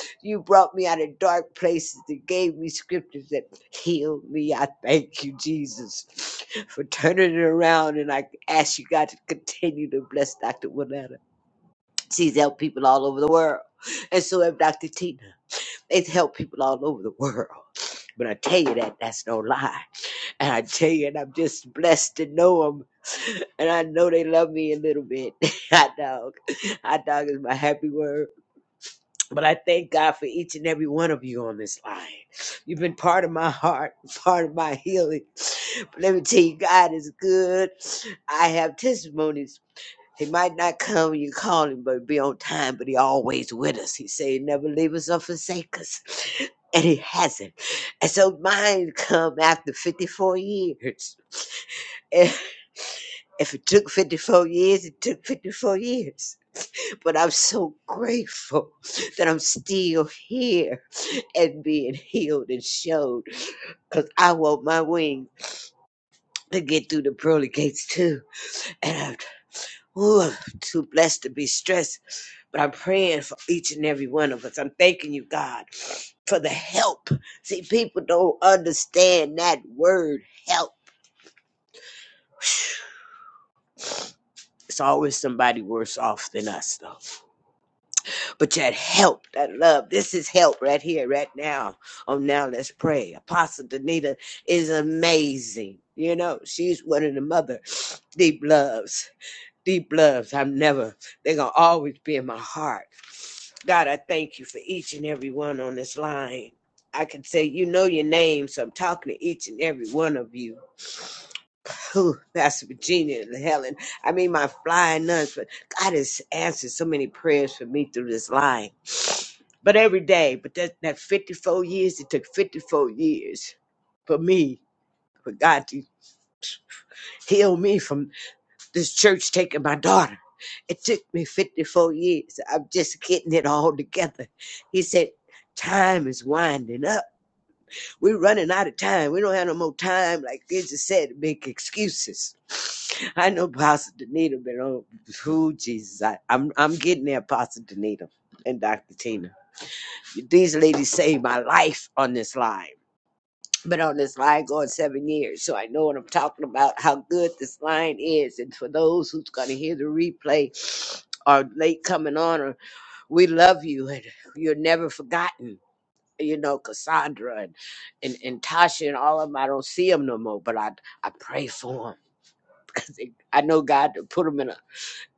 you brought me out of dark places and gave me scriptures that healed me. I thank you, Jesus, for turning it around. And I ask you, God, to continue to bless Dr. Willetta. She's helped people all over the world. And so have Dr. Tina. It's helped people all over the world. But I tell you that that's no lie. And I tell you, and I'm just blessed to know them. And I know they love me a little bit. Hot dog. Hot dog is my happy word. But I thank God for each and every one of you on this line. You've been part of my heart, part of my healing. But let me tell you, God is good. I have testimonies he might not come when you call him, but be on time. But he always with us. He say he never leave us or forsake us, and he hasn't. And so mine come after fifty four years. If if it took fifty four years, it took fifty four years. But I'm so grateful that I'm still here and being healed and showed. Cause I want my wing to get through the pearly gates too. And I'm, ooh, I'm too blessed to be stressed But I'm praying for each and every one of us. I'm thanking you, God, for the help. See, people don't understand that word help. It's always somebody worse off than us, though. But that help, that love, this is help right here, right now. Oh, now let's pray. Apostle Danita is amazing. You know, she's one of the mother deep loves. Deep loves, I've never, they're going to always be in my heart. God, I thank you for each and every one on this line. I can say, you know your name, so I'm talking to each and every one of you. Ooh, Pastor Virginia and Helen. I mean, my flying nuns, but God has answered so many prayers for me through this line. But every day, but that, that 54 years, it took 54 years for me, for God to heal me from This church taking my daughter. It took me 54 years. I'm just getting it all together. He said, Time is winding up. We're running out of time. We don't have no more time, like you just said, to make excuses. I know Pastor Danita, but oh, who Jesus, I, I'm I'm getting there, Pastor Danita and Dr. Tina. These ladies saved my life on this line been on this line going seven years, so I know what I'm talking about, how good this line is. And for those who's going to hear the replay or late coming on, or we love you and you're never forgotten. You know, Cassandra and, and, and Tasha and all of them, I don't see them no more, but I, I pray for them because I know God put them in a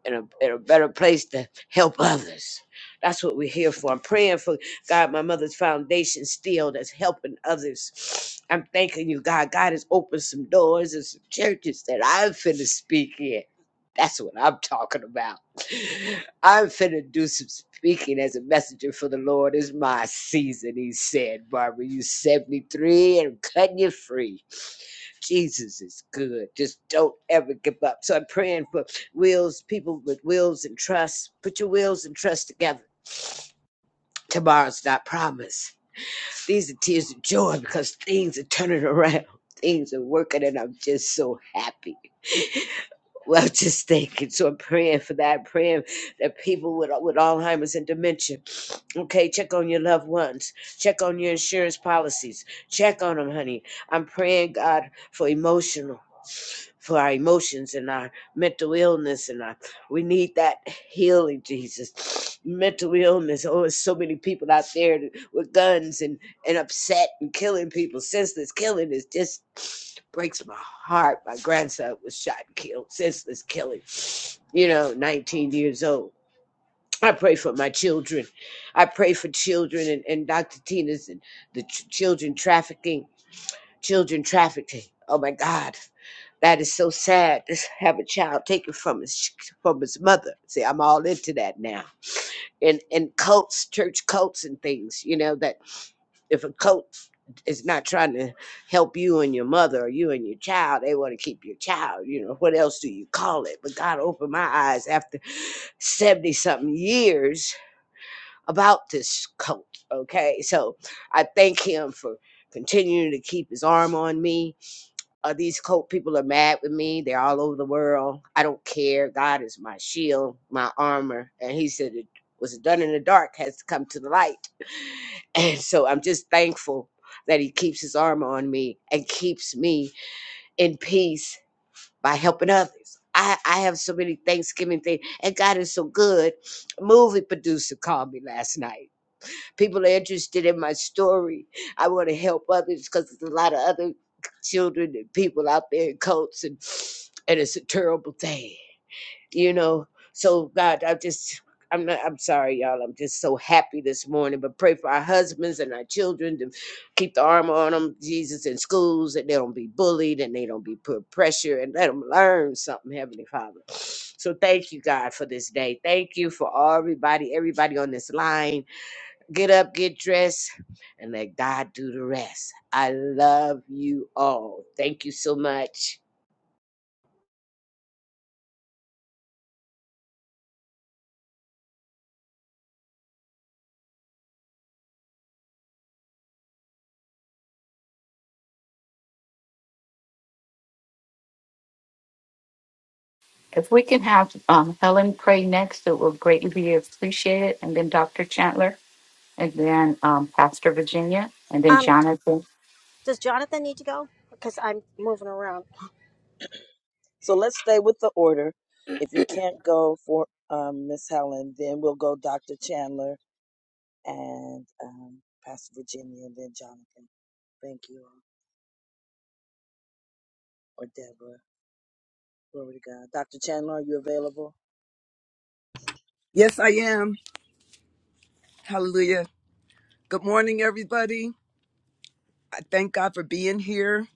in a, in a better place to help others. That's what we're here for. I'm praying for God, my mother's foundation still that's helping others. I'm thanking you, God. God has opened some doors and some churches that I'm finna speak in. That's what I'm talking about. I'm finna do some speaking as a messenger for the Lord. It's my season, he said. Barbara, you 73 and I'm cutting you free. Jesus is good. Just don't ever give up. So I'm praying for wills, people with wills and trust. Put your wills and trust together. Tomorrow's not promised. These are tears of joy because things are turning around. Things are working, and I'm just so happy. Well, just thinking. So I'm praying for that. I'm praying that people with with Alzheimer's and dementia Okay, check on your loved ones. Check on your insurance policies. Check on them, honey. I'm praying, God, for emotional, for our emotions and our mental illness. And our, we need that healing, Jesus. Mental illness. Oh, there's so many people out there with guns and, and upset and killing people. Senseless killing is just breaks my heart. My grandson was shot and killed. Senseless killing. You know, 19 years old I pray for my children. I pray for children and, and Dr. Tina's and the ch- children trafficking, children trafficking. Oh my God, that is so sad to have a child taken from his from his mother. See, I'm all into that now. And and cults, church cults and things, you know, that if a cult is not trying to help you and your mother or you and your child, they want to keep your child. You know, what else do you call it? But God opened my eyes after 70 something years about this cult. Okay, so I thank him for continuing to keep his arm on me. Uh, these cult people are mad with me. They're all over the world. I don't care. God is my shield, my armor. And he said it was done in the dark has come to the light. And so I'm just thankful that he keeps his armor on me and keeps me in peace by helping others. I, I have so many Thanksgiving things, and God is so good. A movie producer called me last night People are interested in my story. I want to help others because there's a lot of other children and people out there in cults, and and it's a terrible thing, you know. So God, I just. I'm not, I'm sorry, y'all. I'm just so happy this morning. But pray for our husbands and our children to keep the armor on them, Jesus, in schools, that they don't be bullied and they don't be put pressure and let them learn something, Heavenly Father. So thank you, God, for this day. Thank you for everybody, everybody on this line. Get up, get dressed, and let God do the rest. I love you all. Thank you so much. If we can have um, Helen pray next, it will greatly be appreciated. And then Dr. Chandler, and then um, Pastor Virginia, and then Um, does, Jonathan. does Jonathan need to go? Because I'm moving around. So let's stay with the order. If you can't go for um, Miss Helen, then we'll go Dr. Chandler and um, Pastor Virginia and then Jonathan. Thank you all. Or Deborah. Glory to God. Dr. Chandler, are you available? Yes, I am. Hallelujah. Good morning, everybody. I thank God for being here.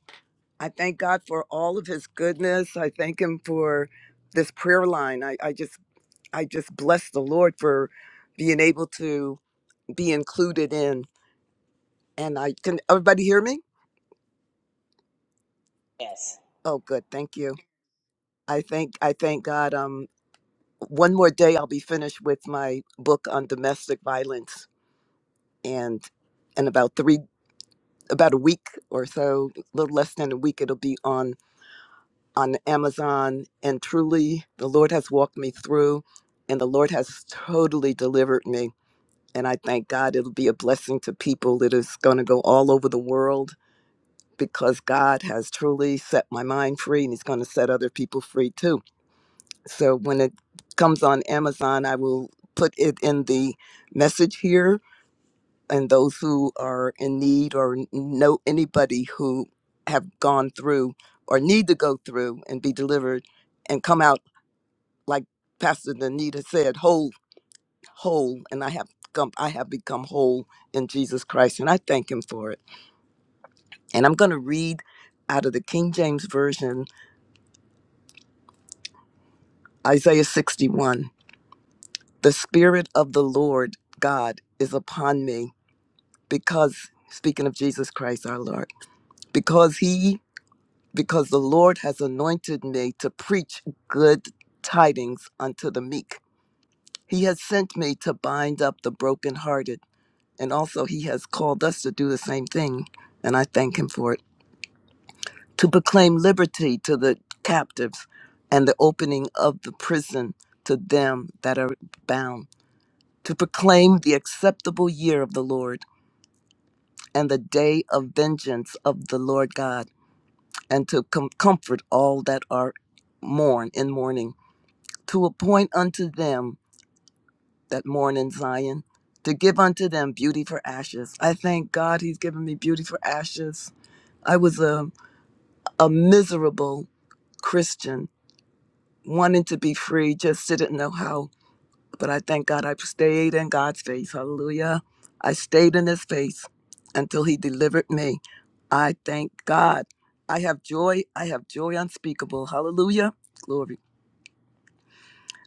I thank God for all of his goodness. I thank him for this prayer line. I, I just I just bless the Lord for being able to be included in. And I can everybody hear me? Yes. Oh good, thank you. I thank I thank God. Um one more day I'll be finished with my book on domestic violence and in about three about a week or so, a little less than a week, it'll be on on Amazon. And truly, the Lord has walked me through, and the Lord has totally delivered me. And I thank God it'll be a blessing to people. It is going to go all over the world because God has truly set my mind free, and He's going to set other people free too. So when it comes on Amazon, I will put it in the message here and those who are in need or know anybody who have gone through or need to go through and be delivered and come out like pastor danita said whole whole and i have come i have become whole in jesus christ and i thank him for it and i'm going to read out of the king james version isaiah 61 the spirit of the lord god is upon me because speaking of jesus christ our lord because he because the Lord has anointed me to preach good tidings unto the meek. He has sent me to bind up the brokenhearted, and also He has called us to do the same thing, and I thank Him for it. To proclaim liberty to the captives and the opening of the prison to them that are bound. To proclaim the acceptable year of the Lord and the day of vengeance of the Lord God, and to com- comfort all that are mourn in mourning to appoint unto them that mourn in Zion, to give unto them beauty for ashes. I thank God he's given me beauty for ashes. I was a, a miserable Christian, wanting to be free, just didn't know how. But I thank God I stayed in God's face. Hallelujah. I stayed in his face until he delivered me. I thank God. I have joy. I have joy unspeakable. Hallelujah. Glory.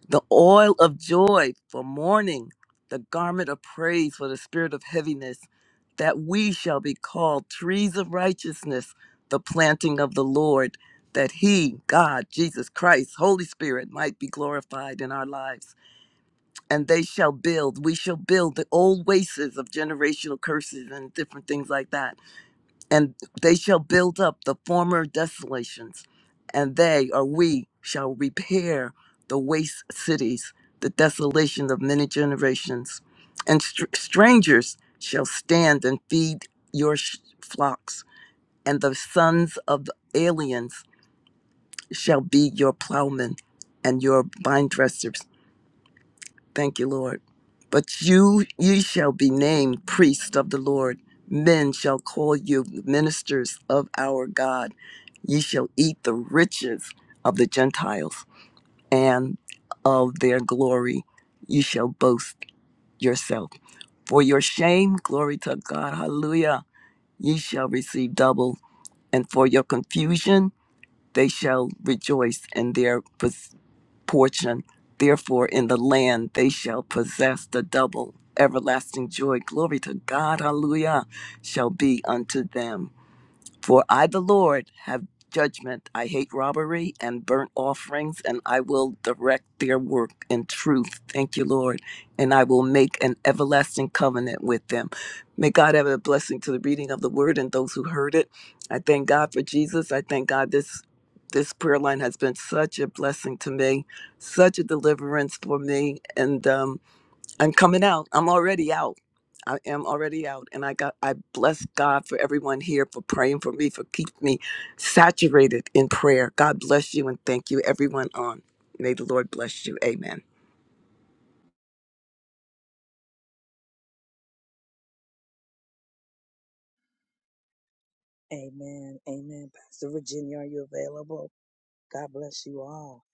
the oil of joy for mourning, the garment of praise for the spirit of heaviness, that we shall be called trees of righteousness, the planting of the Lord, that He, God, Jesus Christ, Holy Spirit, might be glorified in our lives. And they shall build, we shall build the old wastes of generational curses and different things like that and they shall build up the former desolations, and they or we shall repair the waste cities, the desolation of many generations, and str- strangers shall stand and feed your sh- flocks, and the sons of the aliens shall be your plowmen and your vine dressers. Thank you, Lord. But you ye shall be named priests of the Lord. Men shall call you ministers of our God. Ye shall eat the riches of the Gentiles and of their glory. You shall boast yourself. For your shame, glory to God, hallelujah, ye shall receive double. And for your confusion, they shall rejoice in their portion. Therefore, in the land they shall possess the double. Everlasting joy, glory to God, hallelujah, shall be unto them. For I, the Lord, have judgment. I hate robbery and burnt offerings, and I will direct their work in truth. Thank you, Lord. And I will make an everlasting covenant with them. May God have a blessing to the reading of the word and those who heard it. I thank God for Jesus. I thank God this. This prayer line has been such a blessing to me, such a deliverance for me. And um, I'm coming out. I'm already out. I am already out. And I got I bless God for everyone here for praying for me, for keeping me saturated in prayer. God bless you and thank you, everyone on. May the Lord bless you. Amen. Amen. Amen. Pastor Virginia, are you available? God bless you all.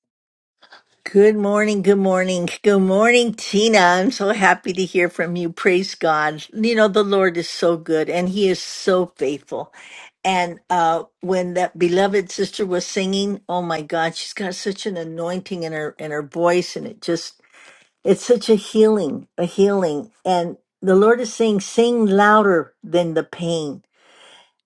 Good morning, good morning, good morning, Tina. I'm so happy to hear from you. Praise God. You know, the Lord is so good and He is so faithful. And uh, when that beloved sister was singing, oh my God, she's got such an anointing in her in her voice, and it just it's such a healing, a healing. And the Lord is saying, sing louder than the pain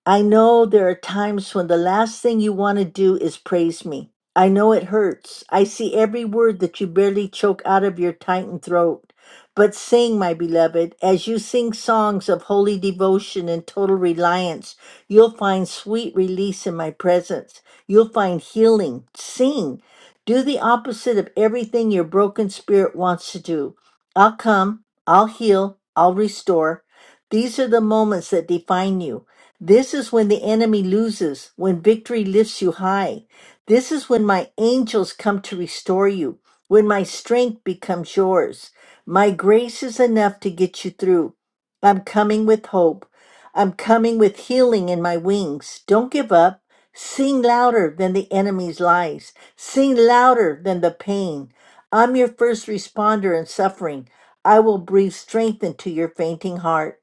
I know there are times when the last thing you want to do is praise me. I know it hurts. I see every word that you barely choke out of your tightened throat. But sing, my beloved, as you sing songs of holy devotion and total reliance, you'll find sweet release in my presence. You'll find healing. Sing. Do the opposite of everything your broken spirit wants to do. I'll come, I'll heal, I'll restore. These are the moments that define you. This is when the enemy loses, when victory lifts you high. This is when my angels come to restore you, when my strength becomes yours. My grace is enough to get you through. I'm coming with hope. I'm coming with healing in my wings. Don't give up. Sing louder than the enemy's lies. Sing louder than the pain. I'm your first responder in suffering. I will breathe strength into your fainting heart.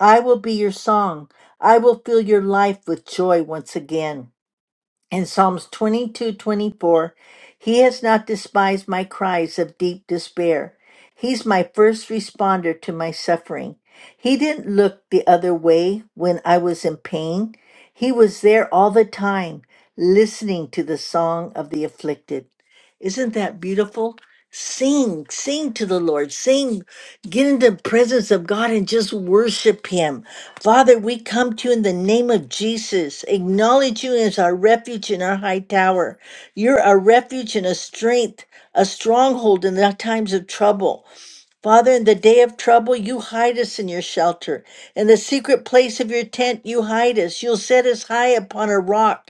I will be your song. I will fill your life with joy once again. In Psalms 22, 24, He has not despised my cries of deep despair. He's my first responder to my suffering. He didn't look the other way when I was in pain. He was there all the time, listening to the song of the afflicted. Isn't that beautiful? Sing, sing to the Lord. Sing Get into the presence of God and just worship Him. Father, we come to you in the name of Jesus. Acknowledge you as our refuge and our high tower. You're a refuge and a strength, a stronghold in the times of trouble. Father, in the day of trouble, you hide us in your shelter. In the secret place of your tent, you hide us. You'll set us high upon a rock.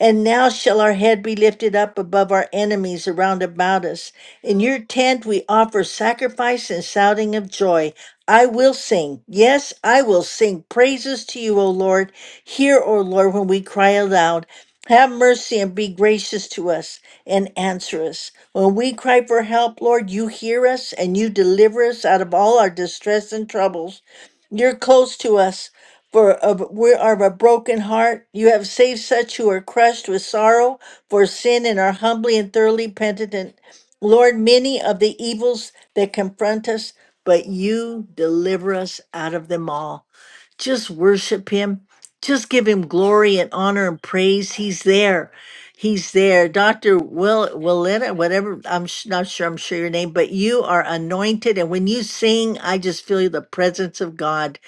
And now shall our head be lifted up above our enemies around about us. In your tent we offer sacrifice and shouting of joy. I will sing. Yes, I will sing praises to you, O Lord. Hear, O Lord, when we cry aloud. Have mercy and be gracious to us and answer us. When we cry for help, Lord, you hear us and you deliver us out of all our distress and troubles. You're close to us, for of- we are of a broken heart. You have saved such who are crushed with sorrow for sin and are humbly and thoroughly penitent. Lord, many of the evils that confront us, but you deliver us out of them all. Just worship him. Just give him glory and honor and praise. He's there. He's there. Dr. Will Willetta, whatever, I'm sh- not sure, I'm sure your name, but you are anointed. And when you sing, I just feel the presence of God.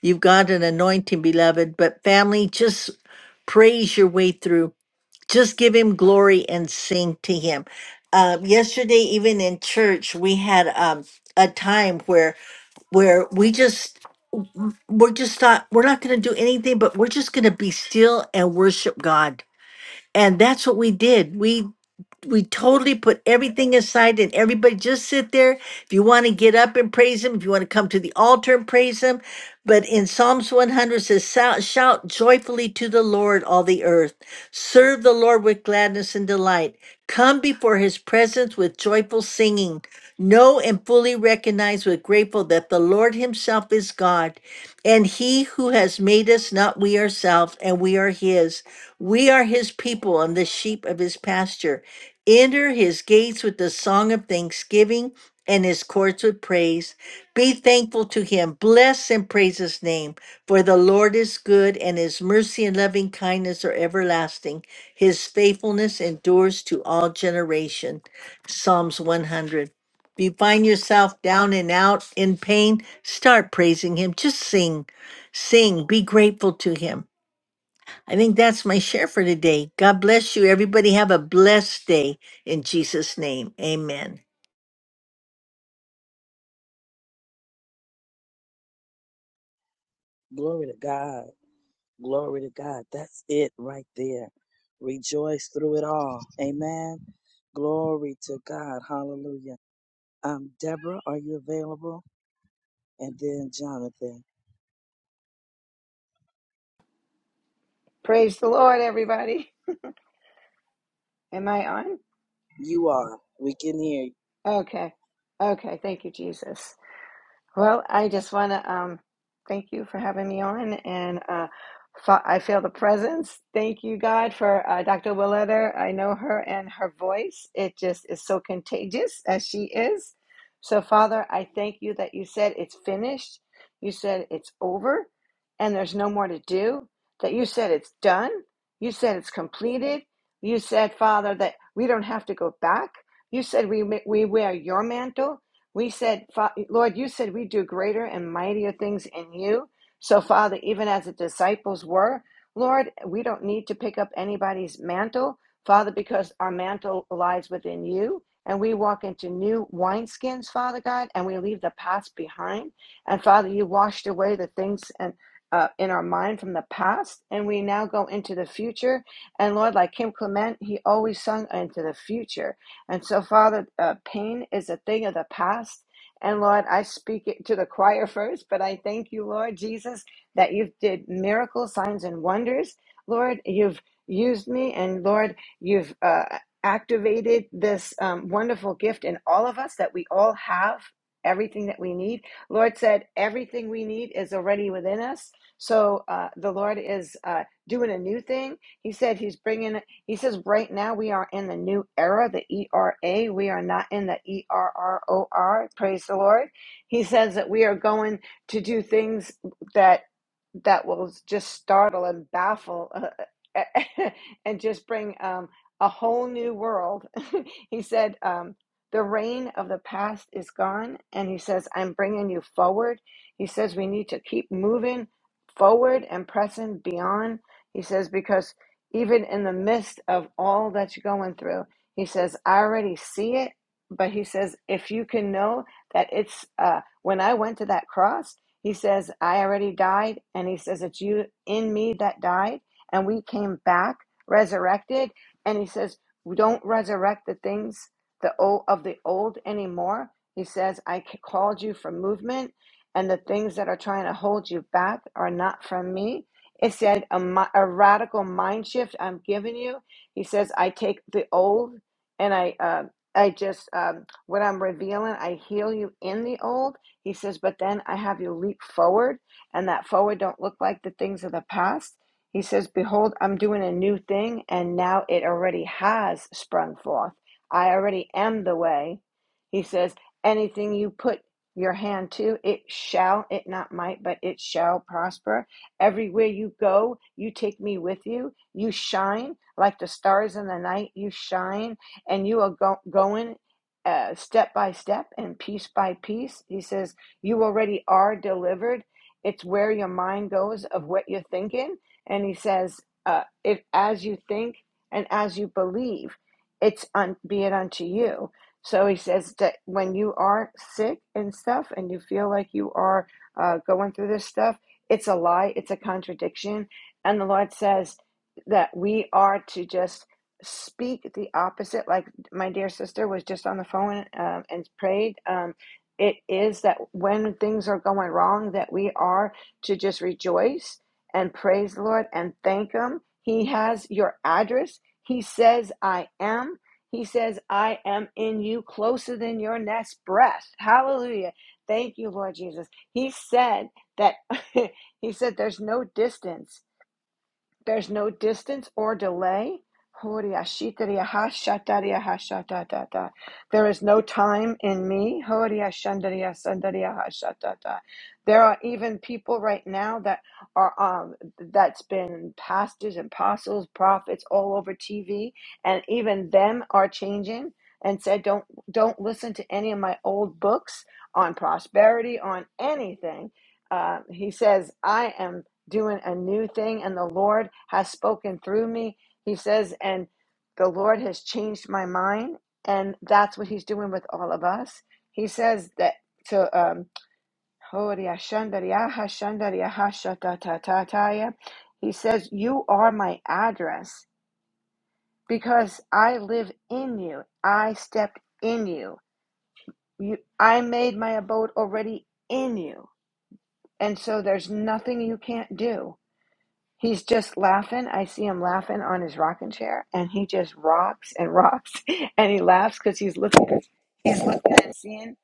You've got an anointing, beloved. But family, just praise your way through. Just give him glory and sing to him. Uh, yesterday, even in church, we had um, a time where where we just we're just not we're not going to do anything but we're just going to be still and worship god and that's what we did we we totally put everything aside and everybody just sit there if you want to get up and praise him if you want to come to the altar and praise him but in psalms 100 says shout, shout joyfully to the lord all the earth serve the lord with gladness and delight come before his presence with joyful singing know and fully recognize with grateful that the lord himself is god and he who has made us, not we ourselves, and we are his. We are his people and the sheep of his pasture. Enter his gates with the song of thanksgiving and his courts with praise. Be thankful to him. Bless and praise his name. For the Lord is good, and his mercy and loving kindness are everlasting. His faithfulness endures to all generation. Psalms 100. If you find yourself down and out in pain, start praising Him. Just sing, sing, be grateful to Him. I think that's my share for today. God bless you. Everybody have a blessed day in Jesus' name. Amen. Glory to God. Glory to God. That's it right there. Rejoice through it all. Amen. Glory to God. Hallelujah. Um, Deborah, are you available? And then Jonathan, Praise the Lord, everybody. Am I on? you are. We can hear you. Okay. Okay. Thank you, Jesus. Well, I just want to um, thank you for having me on, and uh, fa- I feel the presence. Thank you, God, for uh, Dr. Willetter. I know her and her voice. It just is so contagious as she is. So, Father, I thank you that you said it's finished. You said it's over, and there's no more to do. That you said it's done. You said it's completed. You said, Father, that we don't have to go back. You said we we wear your mantle. We said, Lord, you said we do greater and mightier things in you. So, Father, even as the disciples were, Lord, we don't need to pick up anybody's mantle, Father, because our mantle lies within you. And we walk into new wineskins, Father God, and we leave the past behind. And Father, you washed away the things and uh, in our mind from the past, and we now go into the future. And Lord, like Kim Clement, he always sung into the future. And so, Father, uh, pain is a thing of the past. And Lord, I speak it to the choir first, but I thank you, Lord Jesus, that you've did miracles, signs, and wonders. Lord, you've used me, and Lord, you've uh, activated this um, wonderful gift in all of us that we all have everything that we need. Lord said, everything we need is already within us. So uh, the Lord is uh, doing a new thing. He said He's bringing he says, right now we are in the new era, the ERA. We are not in the ERROR. Praise the Lord. He says that we are going to do things that that will just startle and baffle uh, and just bring um, a whole new world. he said, um, the reign of the past is gone. And he says, I'm bringing you forward. He says, we need to keep moving forward and pressing beyond. He says, because even in the midst of all that you're going through. He says, I already see it, but he says, if you can know that it's uh, when I went to that cross, he says, I already died. And he says, it's you in me that died. And we came back resurrected. And he says, we don't resurrect the things the old, of the old anymore. He says, I c- called you for movement, and the things that are trying to hold you back are not from me. It said a, a radical mind shift I'm giving you. He says I take the old and I uh, I just um, what I'm revealing I heal you in the old. He says, but then I have you leap forward, and that forward don't look like the things of the past. He says, behold, I'm doing a new thing, and now it already has sprung forth. I already am the way. He says, anything you put your hand to, it shall, it not might, but it shall prosper Everywhere you go, you take me with you. You shine like the stars in the night. You shine, and you are go- going uh, step by step and piece by piece. He says, You already are delivered. It's where your mind goes of what you're thinking. And he says, uh, if, As you think and as you believe, it's un- be it unto you. So he says that when you are sick and stuff and you feel like you are uh, going through this stuff, it's a lie, it's a contradiction. And the Lord says that we are to just speak the opposite, like my dear sister was just on the phone um, and prayed. Um, it is that when things are going wrong, that we are to just rejoice and praise the Lord and thank Him. He has your address. He says, I am. He says, I am in you closer than your next breath. Hallelujah. Thank you, Lord Jesus. He said that He said, There's no distance. There's no distance or delay. There is no time in me. There are even people right now that are um that's been pastors and apostles, prophets all over TV, and even them are changing and said, Don't don't listen to any of my old books on prosperity, on anything uh, he says, I am doing a new thing, and the Lord has spoken through me. He says, and the Lord has changed my mind, and that's what He's doing with all of us. He says that to um, He says, "You are my address because I live in you. I stepped in you. You, I made my abode already in you, and so there's nothing you can't do." He's just laughing. I see him laughing on his rocking chair, and he just rocks and rocks, and he laughs because he's looking, he's looking and seeing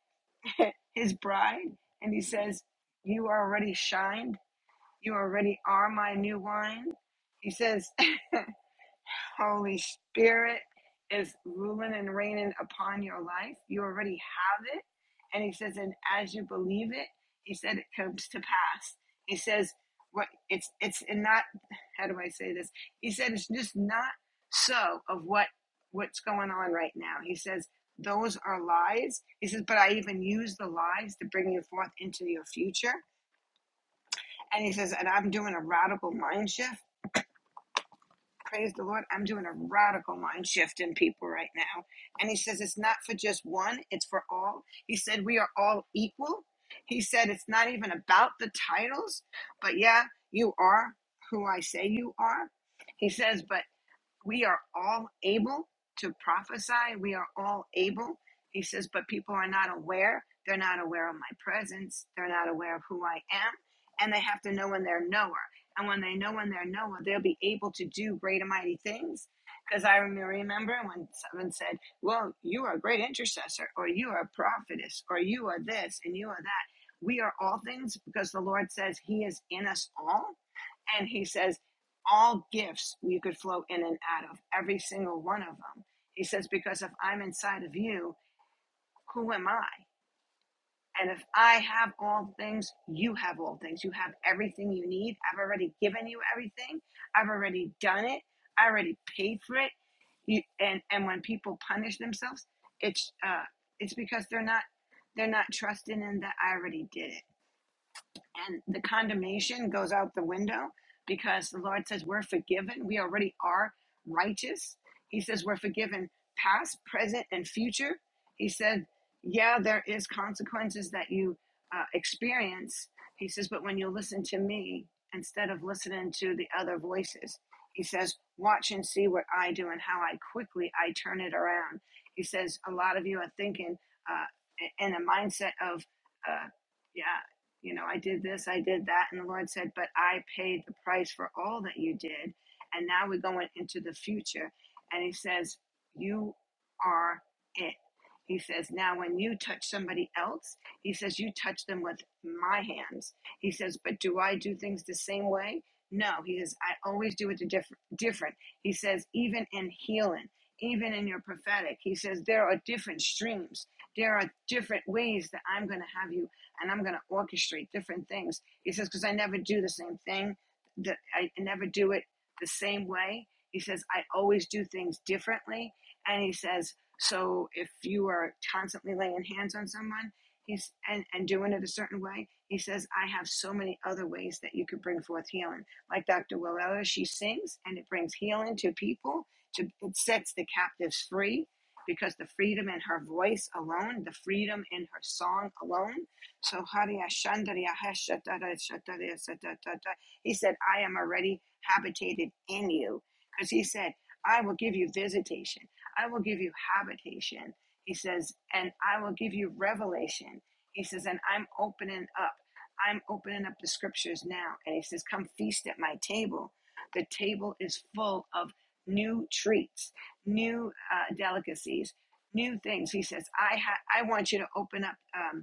his bride, and he says, "You already shined. You already are my new wine." He says, Holy Spirit is ruling and reigning upon your life. You already have it. And he says, and as you believe it, he said it comes to pass. He says, what it's it's and not how do I say this? He said it's just not so of what what's going on right now. He says those are lies. He says, but I even use the lies to bring you forth into your future. And he says, and I'm doing a radical mind shift praise the Lord, I'm doing a radical mind shift in people right now. And he says it's not for just one, it's for all. He said we are all equal. He said it's not even about the titles, but yeah, you are who I say you are. He says, but we are all able to prophesy. We are all able. He says, but people are not aware. They're not aware of my presence. They're not aware of who I am. And they have to know when they're knower. And when they know when they're knower, they'll be able to do great and mighty things. Because I remember when someone said, Well, you are a great intercessor, or you are a prophetess, or you are this, and you are that. We are all things because the Lord says He is in us all and he says, all gifts you could flow in and out of, every single one of them. He says, because if I'm inside of you, who am I? And if I have all things, you have all things. You have everything you need. I've already given you everything. I've already done it. I already paid for it. You, and and when people punish themselves, it's uh, it's because they're not they're not trusting in that I already did it and the condemnation goes out the window because the Lord says we're forgiven. We already are righteous. He says we're forgiven past, present, and future. He said, yeah, there is consequences that you uh, experience. He says, but when you listen to me instead of listening to the other voices, he says, watch and see what I do and how I quickly I turn it around. He says, a lot of you are thinking uh, in a mindset of, uh, yeah you know, I did this, I did that. And the Lord said, but I paid the price for all that you did. And now we're going into the future. And he says, you are it. He says, now when you touch somebody else, he says, you touch them with my hands. He says, but do I do things the same way? No, he says, I always do it the diff- different. He says, even in healing, even in your prophetic, he says, there are different streams. There are different ways that I'm going to have you and I'm going to orchestrate different things. He says, because I never do the same thing, that I never do it the same way. He says, I always do things differently. And he says, so if you are constantly laying hands on someone he's, and, and doing it a certain way, he says, I have so many other ways that you could bring forth healing. Like Dr. Willella, she sings and it brings healing to people, to, it sets the captives free because the freedom in her voice alone, the freedom in her song alone so Hariya Shandarya Hashatara Shatarya Satatata. He said, I am already habitated in you. Because he said, I will give you visitation. I will give you habitation. He says, and I will give you revelation. He says, and I'm opening up. I'm opening up the scriptures now. And he says, Come feast at my table. The table is full of new treats, new uh, delicacies, new things. He says, I, ha- I want you to open up. Um,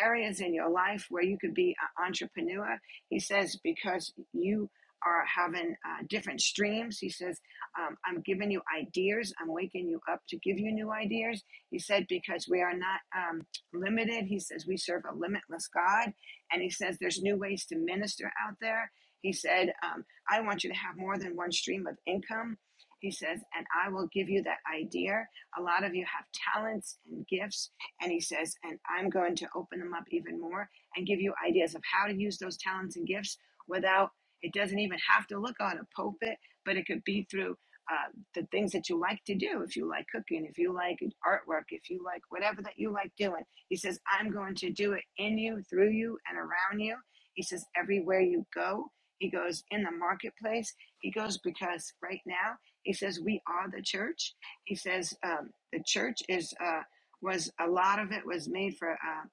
areas in your life where you could be an entrepreneur. He says, because you are having uh, different streams. He says, um, I'm giving you ideas. I'm waking you up to give you new ideas. He said, because we are not um, limited. He says, we serve a limitless God. And he says, there's new ways to minister out there. He said, um, I want you to have more than one stream of income. He says, and I will give you that idea. A lot of you have talents and gifts and he says, and I'm going to open them up even more and give you ideas of how to use those talents and gifts without, it doesn't even have to look on a pulpit, but it could be through uh, the things that you like to do. If you like cooking, if you like artwork, if you like whatever that you like doing, he says, I'm going to do it in you, through you, and around you. He says, everywhere you go, he goes in the marketplace. He goes because right now, he says, we are the church. He says, um, the church is. Uh, was a lot of it was made for uh,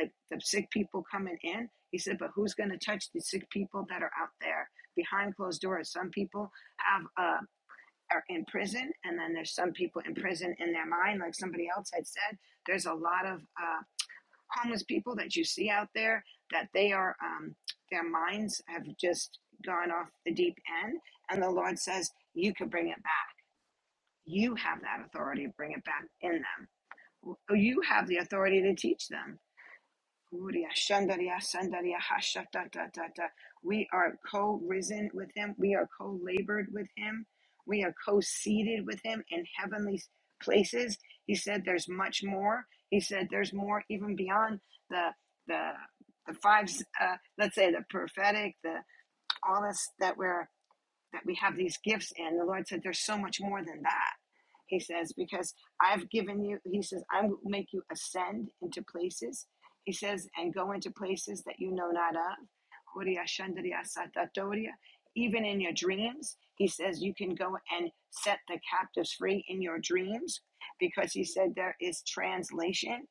like the sick people coming in. He said, but who's going to touch the sick people that are out there behind closed doors? Some people have uh, are in prison, and then there's some people in prison in their mind, like somebody else had said. There's a lot of uh, homeless people that you see out there that they are um, their minds have just gone off the deep end, and the Lord says you can bring it back. You have that authority to bring it back in them. Well, you have the authority to teach them. We are co risen with him. We are co labored with him. We are co seated with him in heavenly places. He said there's much more. He said there's more even beyond the, the, the five, uh, let's say the prophetic, the all this that we're that we have these gifts in. The Lord said there's so much more than that. He says, because I've given you, he says, I will make you ascend into places. He says, and go into places that you know not of. Even in your dreams, he says, you can go and set the captives free in your dreams because he said there is translation.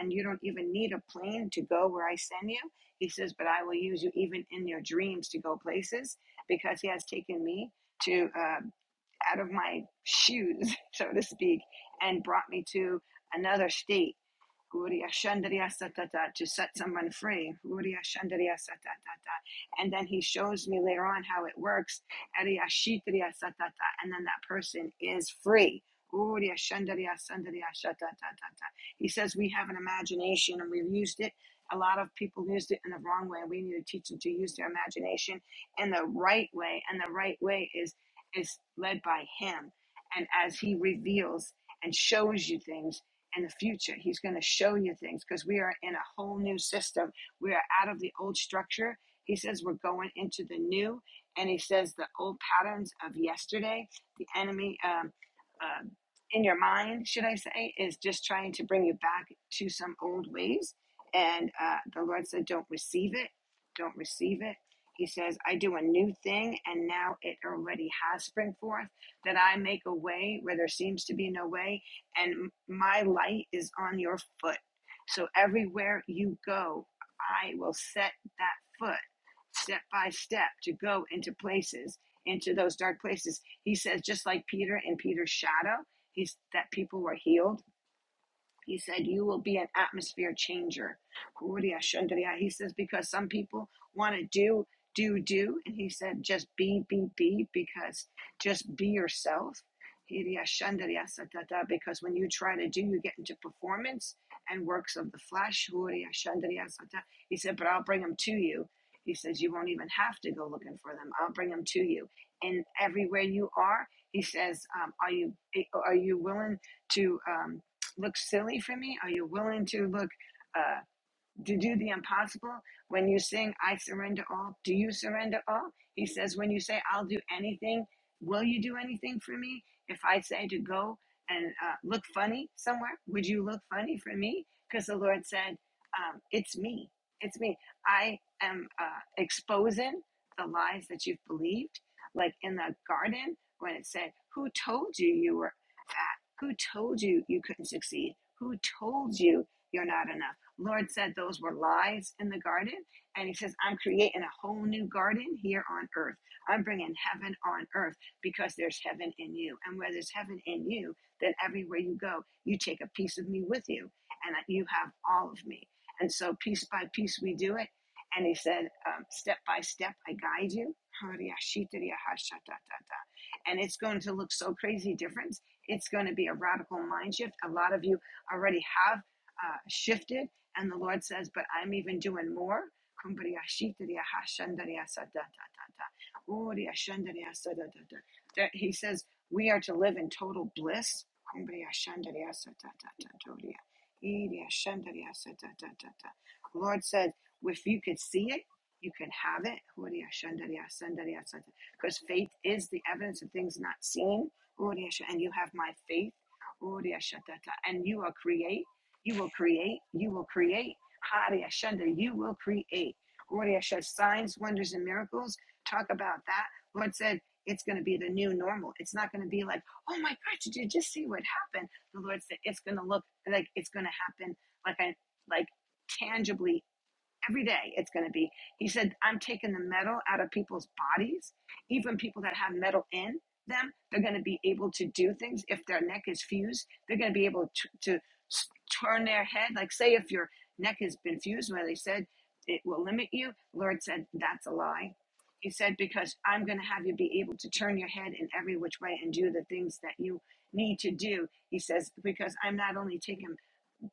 And you don't even need a plane to go where I send you. He says, but I will use you even in your dreams to go places because he has taken me to. uh, out of my shoes, so to speak, and brought me to another state Guria to set someone free. Guria And then he shows me later on how it works. Ariya And then that person is free. Guria He says we have an imagination and we've used it. A lot of people used it in the wrong way. We need to teach them to use their imagination in the right way. And the right way is is led by him. And as he reveals and shows you things and the future. He's going to show you things because we are in a whole new system. We are out of the old structure. He says we're going into the new, and he says the old patterns of yesterday, the enemy um, uh, in your mind, should I say, is just trying to bring you back to some old ways. And uh, the Lord said, Don't receive it. Don't receive it. He says, I do a new thing, and now it already has spring forth, that I make a way where there seems to be no way, and my light is on your foot. So everywhere you go, I will set that foot step by step to go into places, into those dark places. He says, just like Peter and Peter's shadow, he's that people were healed he said, You will be an atmosphere changer. He says, Because some people want to do, do, do. And he said, Just be, be, be, because just be yourself. Because when you try to do, you get into performance and works of the flesh. He said, But I'll bring them to you. He says, You won't even have to go looking for them. I'll bring them to you. And everywhere you are, he says, um, Are you are you willing to? Um, look silly for me? Are you willing to look? uh, to do the impossible. When you sing, I surrender all, do you surrender all? He says, when you say, I'll do anything, will you do anything for me? If I say to go and uh, look funny somewhere, would you look funny for me? Because the Lord said, um, It's me. It's me. I am uh, exposing the lies that you've believed. Like in the garden, when it said, Who told you you were fat? Who told you you couldn't succeed? Who told you you're not enough? Lord said those were lies in the garden. And he says, I'm creating a whole new garden here on earth. I'm bringing heaven on earth because there's heaven in you. And where there's heaven in you, then everywhere you go, you take a piece of me with you and you have all of me. And so piece by piece, we do it. And he said, um, step by step, I guide you. And it's going to look so crazy different. It's going to be a radical mind shift. A lot of you already have uh, shifted and the Lord says, But I'm even doing more. That he says, We are to live in total bliss. Lord said, If you could see it, you can have it. Because faith is the evidence of things not seen. And you have my faith. And you are create. You will create. You will create. Hare Ashanda, you will create. Glory signs, wonders, and miracles. Talk about that. Lord said it's going to be the new normal. It's not going to be like, oh my God, did you just see what happened? The Lord said it's going to look like it's going to happen like I like tangibly every day it's going to be he said i'm taking the metal out of people's bodies even people that have metal in them they're going to be able to do things if their neck is fused they're going to be able to, to turn their head like say if your neck has been fused where they said it will limit you lord said that's a lie he said because i'm going to have you be able to turn your head in every which way and do the things that you need to do he says because i'm not only taking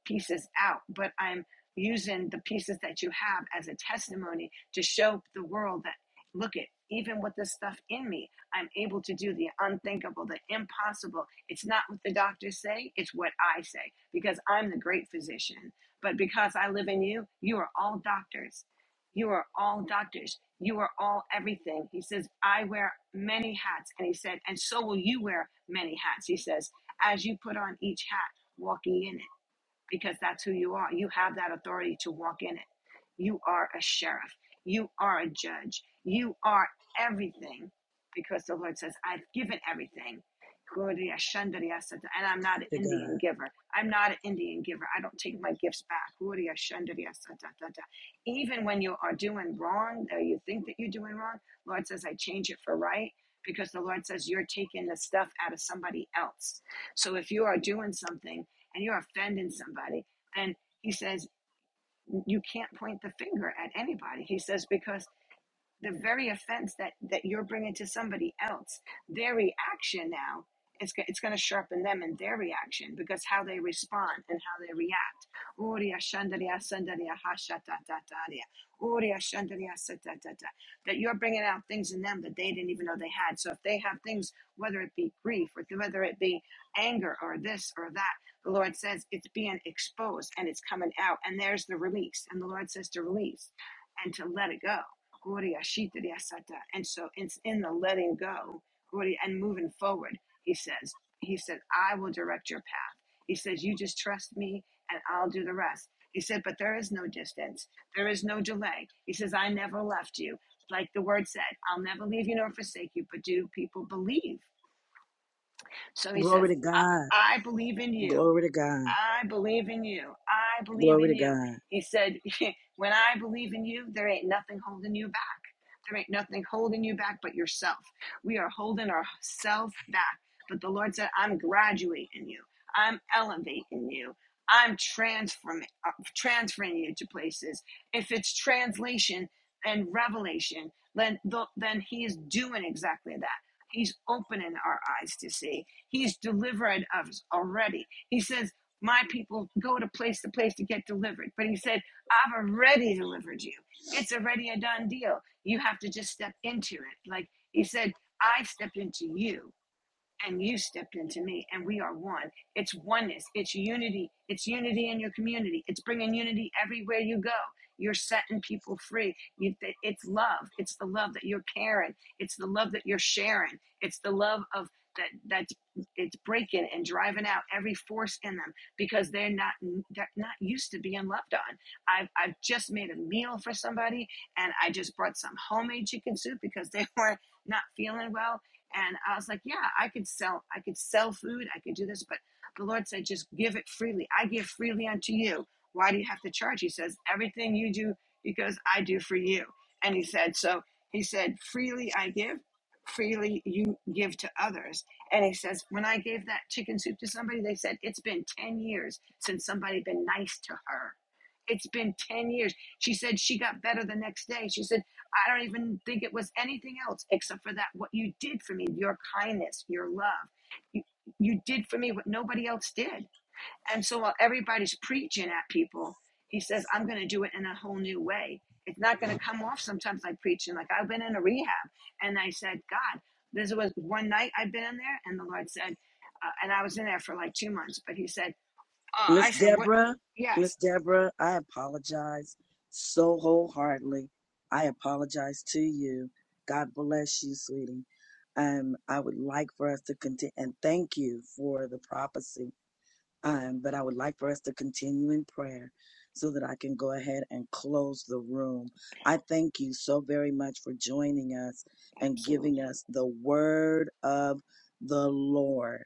pieces out, but I'm using the pieces that you have as a testimony to show the world that look at even with this stuff in me, I'm able to do the unthinkable, the impossible. It's not what the doctors say, it's what I say because I'm the great physician. But because I live in you, you are all doctors. You are all doctors. You are all everything. He says, I wear many hats. And he said, and so will you wear many hats. He says, as you put on each hat, walk ye in it because that's who you are. You have that authority to walk in it. You are a sheriff. You are a judge. You are everything because the Lord says, I've given everything. And I'm not an To Indian God. giver. I'm not an Indian giver. I don't take my gifts back. Even when you are doing wrong or you think that you're doing wrong, Lord says, I change it for right because the Lord says, you're taking the stuff out of somebody else. So if you are doing something, and you're offending somebody. And he says, You can't point the finger at anybody. He says, Because the very offense that that you're bringing to somebody else their reaction now it's, go- it's going to sharpen them in their reaction because how they respond and how they react Uria shandaria sandaria hashatatataria. Uria shandaria satatata. that you're bringing out things in them that they didn't even know they had so if they have things whether it be grief or whether it be anger or this or that the lord says it's being exposed and it's coming out and there's the release and the lord says to release and to let it go and so it's in the letting go, and moving forward, he says, he said, I will direct your path. He says, you just trust me and I'll do the rest. He said, but there is no distance. There is no delay. He says, I never left you. Like the word said, I'll never leave you nor forsake you. But do people believe? So he Glory says, to I, God. I believe in you. Glory to God. I believe in you. I believe Glory in to you. God. He said, When I believe in you, there ain't nothing holding you back. There ain't nothing holding you back but yourself. We are holding ourselves back. But the Lord said, I'm graduating you. I'm elevating you. I'm transforming, uh, transferring you to places. If it's translation and revelation, then, th- then He is doing exactly that. He's opening our eyes to see. He's delivering us already. He says, My people go to place to place to get delivered. But he said, I've already delivered you. It's already a done deal. You have to just step into it. Like he said, I stepped into you and you stepped into me and we are one it's oneness it's unity it's unity in your community it's bringing unity everywhere you go you're setting people free you, it's love it's the love that you're caring it's the love that you're sharing it's the love of that that it's breaking and driving out every force in them because they're not they're not used to being loved on i've i've just made a meal for somebody and i just brought some homemade chicken soup because they were not feeling well and I was like, yeah, I could sell, I could sell food, I could do this, but the Lord said, just give it freely. I give freely unto you. Why do you have to charge? He says, everything you do, he goes, I do for you. And he said, so he said, freely I give, freely you give to others. And he says, when I gave that chicken soup to somebody, they said, it's been 10 years since somebody been nice to her. It's been 10 years. She said she got better the next day. She said, I don't even think it was anything else except for that what you did for me, your kindness, your love. You, you did for me what nobody else did. And so while everybody's preaching at people, he says, I'm going to do it in a whole new way. It's not going to come off sometimes like preaching. Like I've been in a rehab and I said, God, this was one night I'd been in there and the Lord said, uh, and I was in there for like two months, but he said, uh, I Miss said, what? Deborah, Yes, Miss Deborah, I apologize so wholeheartedly. I apologize to you. God bless you, sweetie. Um, I would like for us to continue and thank you for the prophecy. Um, but I would like for us to continue in prayer so that I can go ahead and close the room. I thank you so very much for joining us and giving absolutely. us the word of the Lord.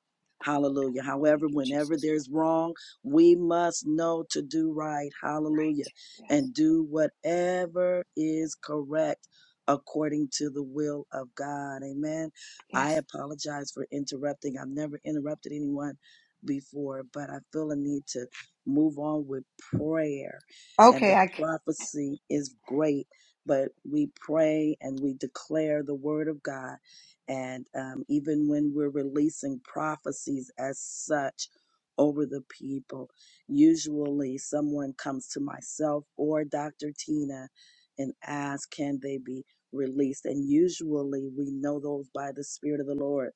Thank you, Hallelujah. God. Thank However, you, whenever Jesus. there's wrong, we must know to do right. Hallelujah. Right. Yes. And do whatever is correct according to the will of God. Amen. I Yes. apologize for interrupting. I've never interrupted anyone before, but I feel a need to move on with prayer. And Okay, the I can. prophecy is great, but we pray and we declare the word of God. And um, even when we're releasing prophecies as such over the people, usually someone comes to myself or Dr. Tina and asks, Can they be released? And usually we know those by the Spirit of the Lord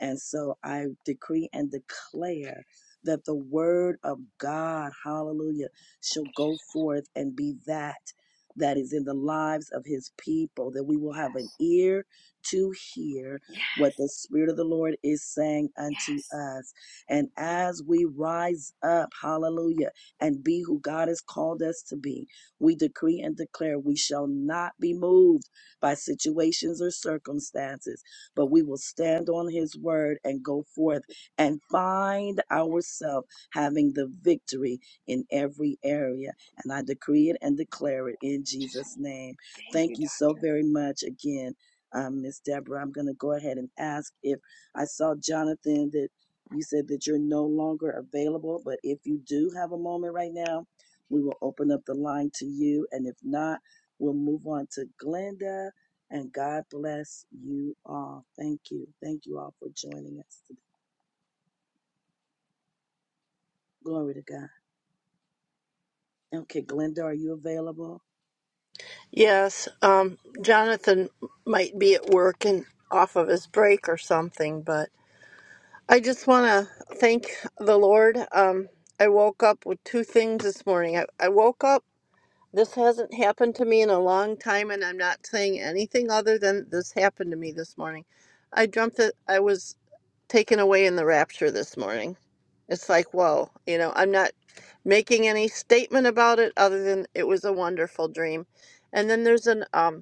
and so I decree and declare that the word of God, hallelujah, shall go forth and be that that is in the lives of his people, that we will have Yes, an ear to hear yes, what the Spirit of the Lord is saying yes. unto us. And as we rise up, hallelujah, and be who God has called us to be, we decree and declare we shall not be moved by situations or circumstances but we will stand on his word and go forth and find ourselves having the victory in every area. And I decree it and declare it in Just Jesus' name. thank Thank you, you so doctor. very much again, um, Miss Deborah. I'm going to go ahead and ask if I saw Jonathan that you said that you're no longer available, but if you do have a moment right now, we will open up the line to you. And if not, we'll move on to Glenda. And God bless you all. Thank you. Thank you all for joining us today. Glory to God. Okay, Glenda, are you available? Yes, um, Jonathan might be at work and off of his break or something, but I just want to thank the Lord. Um, I woke up with two things this morning. I, I woke up, this hasn't happened to me in a long time, and I'm not saying anything other than this happened to me this morning. I dreamt that I was taken away in the rapture this morning. It's like, whoa, you know, I'm not making any statement about it other than it was a wonderful dream. And then there's an um,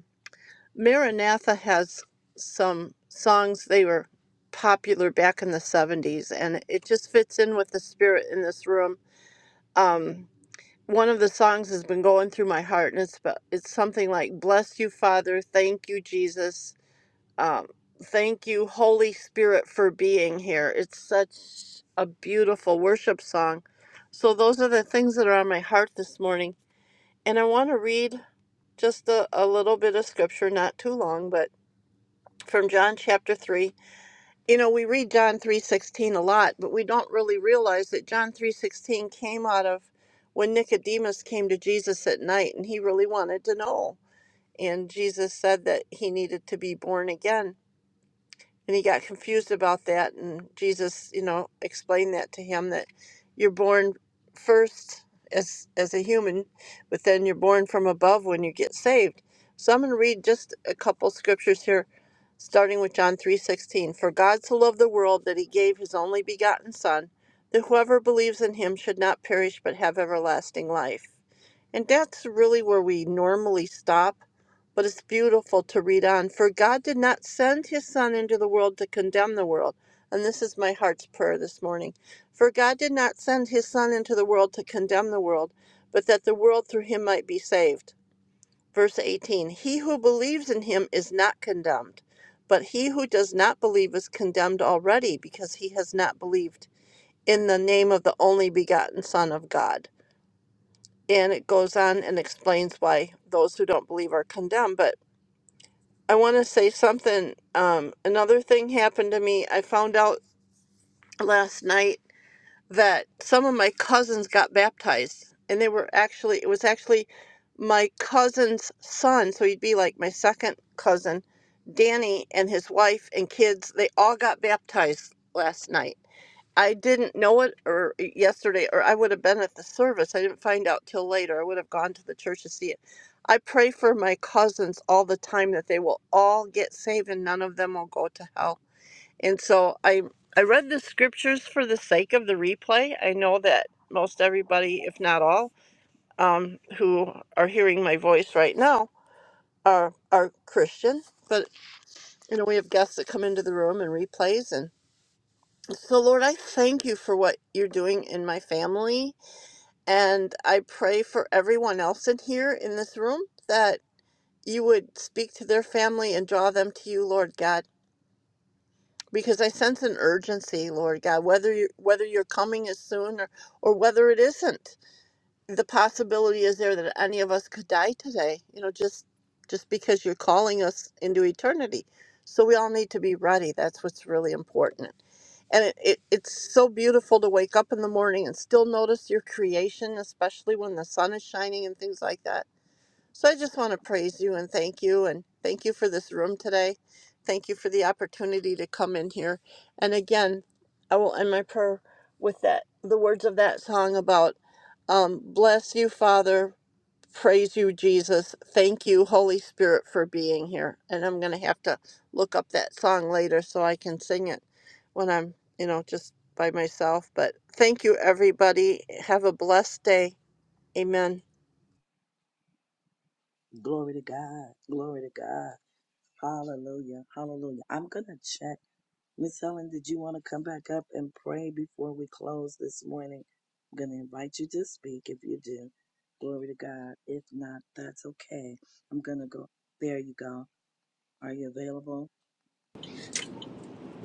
Maranatha has some songs they were popular back in the 70s and it just fits in with the spirit in this room. Um one of the songs has been going through my heart and it's about, it's something like bless you father, thank you Jesus. Um thank you Holy Spirit for being here. It's such a beautiful worship song. So those are the things that are on my heart this morning and I want to read just a, a little bit of scripture, not too long, but from John chapter 3. You know, we read John 3:16 a lot, but we don't really realize that John 3:16 came out of when Nicodemus came to Jesus at night and he really wanted to know. And Jesus said that he needed to be born again and he got confused about that and jesus you know explained that to him that you're born first as as a human but then you're born from above when you get saved so i'm going to read just a couple scriptures here starting with john 3.16 for god so loved the world that he gave his only begotten son that whoever believes in him should not perish but have everlasting life and that's really where we normally stop but it's beautiful to read on. For God did not send his Son into the world to condemn the world. And this is my heart's prayer this morning. For God did not send his Son into the world to condemn the world, but that the world through him might be saved. Verse 18 He who believes in him is not condemned, but he who does not believe is condemned already because he has not believed in the name of the only begotten Son of God. And it goes on and explains why those who don't believe are condemned. But I want to say something. Um, another thing happened to me. I found out last night that some of my cousins got baptized, and they were actually, it was actually my cousin's son. So he'd be like my second cousin, Danny, and his wife and kids. They all got baptized last night. I didn't know it or eh, yesterday, or I would have been at the service. I didn't find out till later. I would have gone to the church to see it. I pray for my cousins all the time that they will all get saved and none of them will go to hell. And so I I read the scriptures for the sake of the replay. I know that most everybody, if not all, um, who are hearing my voice right now are are Christian. But you know, we have guests that come into the room and replays and. So, Lord, I thank you for what you're doing in my family. And I pray for everyone else in here in this room that you would speak to their family and draw them to you, Lord God. Because I sense an urgency, Lord God, whether you whether you're coming as soon or, or whether it isn't the possibility is there that any of us could die today you know just just because you're calling us into eternity so we all need to be ready that's what's really important and it, it, it's so beautiful to wake up in the morning and still notice your creation especially when the sun is shining and things like that so I just want to praise you and thank you and thank you for this room today. Thank you for the opportunity to come in here. And again, I will end my prayer with that the words of that song about um, bless you, Father, praise you, Jesus, thank you, Holy Spirit, for being here. And I'm gonna have to look up that song later so I can sing it when I'm, you know, just by myself. But thank you everybody. Have a blessed day. Amen. Glory to God. Glory to God. Hallelujah. Hallelujah. I'm going to check. Miss Helen, did you want to come back up and pray before we close this morning? I'm going to invite you to speak if you do. Glory to God. If not, that's okay. I'm going to go. There you go. Are you available?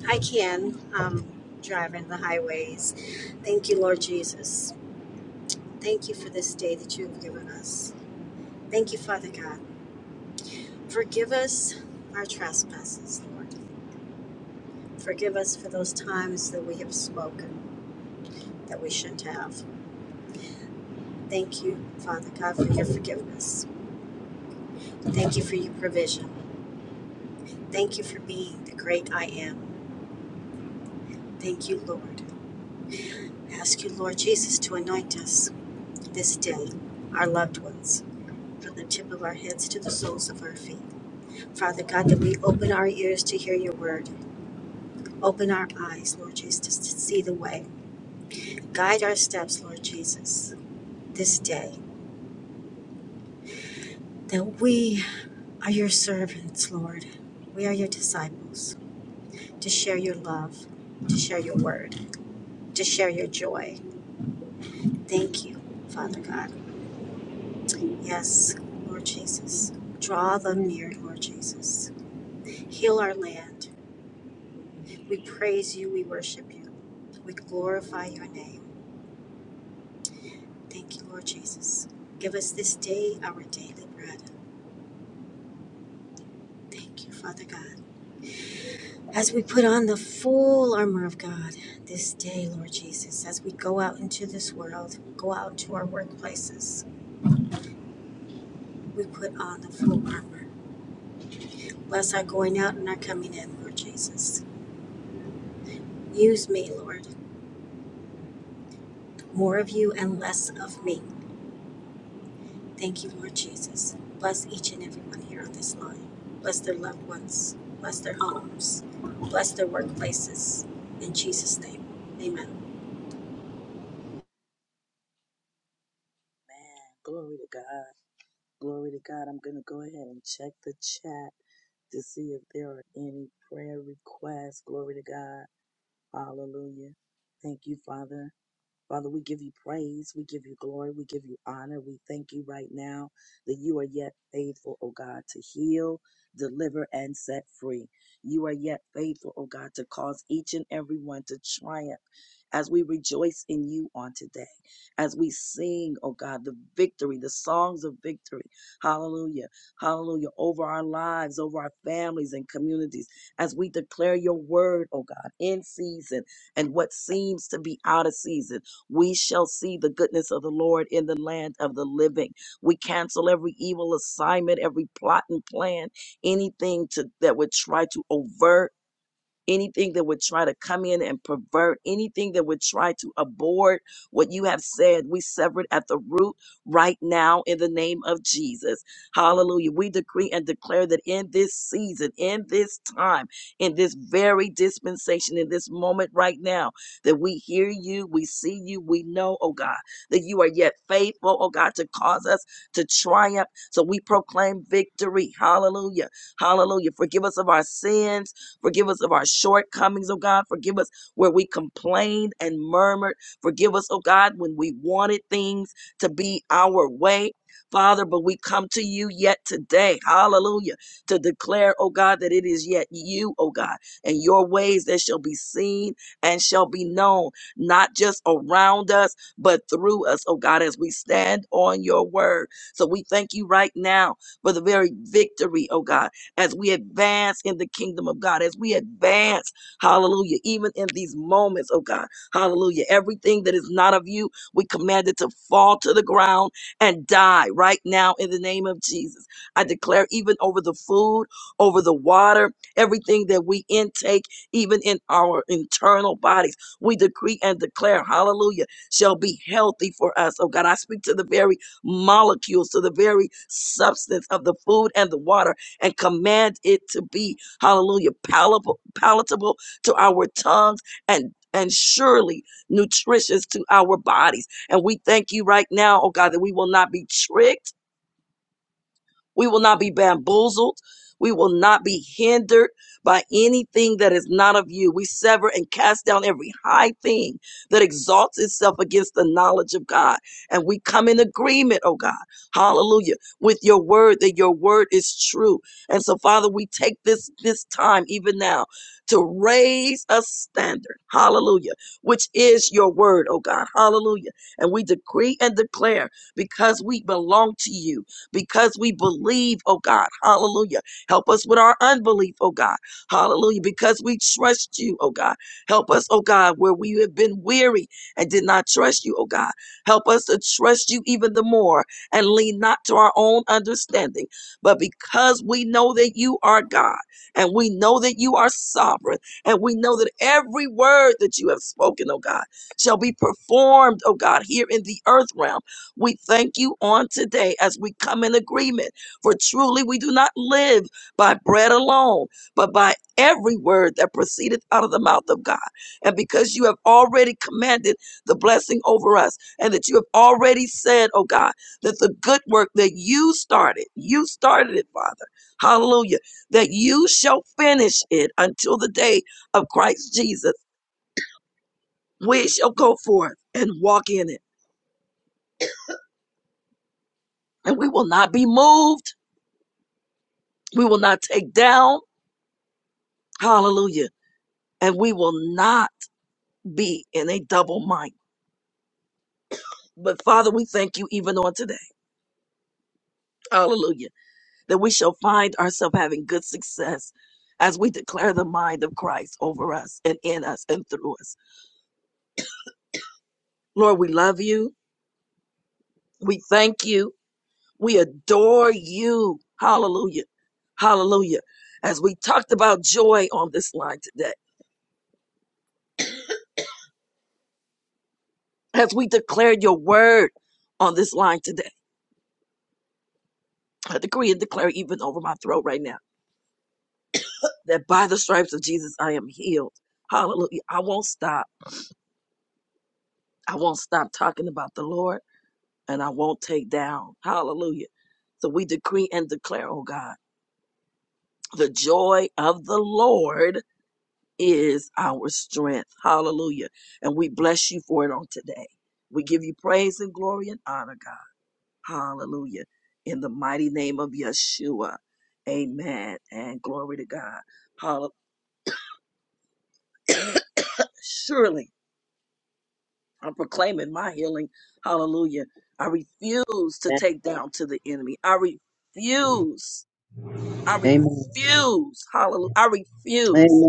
I can um, drive in the highways. Thank you, Lord Jesus. Thank you for this day that you have given us. Thank you, Father God. Forgive us our trespasses, Lord. Forgive us for those times that we have spoken that we shouldn't have. Thank you, Father God, for your forgiveness. Thank you for your provision. Thank you for being the great I am. Thank you, Lord. I ask you, Lord Jesus, to anoint us. this day our loved ones, from the tip of our heads to the soles of our feet. Father God, that we open our ears to hear your word. Open our eyes, Lord Jesus, to see the way. Guide our steps, Lord Jesus, this day. That we are your servants, Lord. We are your disciples to share your love, to share your word, to share your joy. Thank you, Father God. Yes, Lord Jesus. Draw them near, Lord Jesus. Heal our land. We praise you, we worship you, we glorify your name. Thank you, Lord Jesus. Give us this day our daily bread. Thank you, Father God. As we put on the full armor of God this day, Lord Jesus, as we go out into this world, go out to our workplaces, we put on the full armor. Bless our going out and our coming in, Lord Jesus. Use me, Lord. More of you and less of me. Thank you, Lord Jesus. Bless each and every one here on this line. Bless their loved ones. Bless their homes. Bless their workplaces. In Jesus' name, amen. Man, glory to God. Glory to God. I'm going to go ahead and check the chat to see if there are any prayer requests. Glory to God. Hallelujah. Thank you, Father. Father, we give you praise. We give you glory. We give you honor. We thank you right now that you are yet faithful, O God, to heal, deliver, and set free. You are yet faithful, O God, to cause each and every one to triumph as we rejoice in you on today, as we sing, O God, the victory, the songs of victory. Hallelujah. Hallelujah. Over our lives, over our families and communities, as we declare your word, O God, in season and what seems to be out of season. We shall see the goodness of the Lord in the land of the living. We cancel every evil assignment, every plot and plan, anything to, that would try to overt anything that would try to come in and pervert, anything that would try to abort what you have said, we sever it at the root right now in the name of Jesus. Hallelujah. We decree and declare that in this season, in this time, in this very dispensation, in this moment right now, that we hear you, we see you, we know, oh God, that you are yet faithful, oh God, to cause us to triumph. So we proclaim victory. Hallelujah. Hallelujah. Forgive us of our sins Forgive us of our shortcomings, oh God. Forgive us where we complained and murmured. Forgive us, oh God, when we wanted things to be our way. Father, but we come to you yet today, hallelujah, to declare, oh God, that it is yet you, oh God, and your ways that shall be seen and shall be known, not just around us, but through us, oh God, as we stand on your word. So we thank you right now for the very victory, oh God, as we advance in the kingdom of God, as we advance, hallelujah, even in these moments, oh God, hallelujah. Everything that is not of you, we command it to fall to the ground and die right now in the name of Jesus. I declare, even over the food, over the water, everything that we intake, even in our internal bodies, we decree and declare, hallelujah, shall be healthy for us. Oh God, I speak to the very molecules, to the very substance of the food and the water and command it to be, hallelujah, palatable, palatable to our tongues and and surely nutritious to our bodies. And we thank you right now, oh God, that we will not be tricked we will not be bamboozled. We will not be hindered by anything that is not of you. We sever and cast down every high thing that exalts itself against the knowledge of God. And we come in agreement, oh God, hallelujah, with your word that your word is true. And so, Father, we take this, this time even now to raise a standard, hallelujah, which is your word, oh God, hallelujah. And we decree and declare because we belong to you because we believe, oh God. Hallelujah. Help us with our unbelief, oh God. Hallelujah. Because we trust you, oh God. Help us, oh God, where we have been weary and did not trust you, oh God. Help us to trust you even the more and lean not to our own understanding. But because we know that you are God and we know that you are sovereign and we know that every word that you have spoken, oh God, shall be performed, oh God, here in the earth realm we thank you on today as we come in agreement. For truly we do not live by bread alone, but by every word that proceedeth out of the mouth of God. And because you have already commanded the blessing over us, and that you have already said, oh God, that the good work that you started, you started it, Father. Hallelujah. That you shall finish it until the day of Christ Jesus. We shall go forth and walk in it. And we will not be moved We will not take down. Hallelujah. And we will not be in a double mind. But Father, we thank you even on today. Hallelujah. That we shall find ourselves having good success as we declare the mind of Christ over us and in us and through us. Lord, we love you. We thank you. We adore you. Hallelujah. Hallelujah. As we talked about joy on this line today, as we declared your word on this line today. I decree and declare even over my throat right now that by the stripes of Jesus I am healed. Hallelujah. I won't stop. I won't stop talking about the Lord and I won't take down. Hallelujah. So we decree and declare, oh God, the joy of the Lord is our strength. Hallelujah. And we bless you for it on today. We give you praise and glory and honor, God. Hallelujah. In the mighty name of Yeshua. Amen. And glory to God. Hallelujah. Surely I'm proclaiming my healing. Hallelujah. I refuse to Amen. take down to the enemy. I refuse. I Amen. refuse. Hallelujah. I refuse.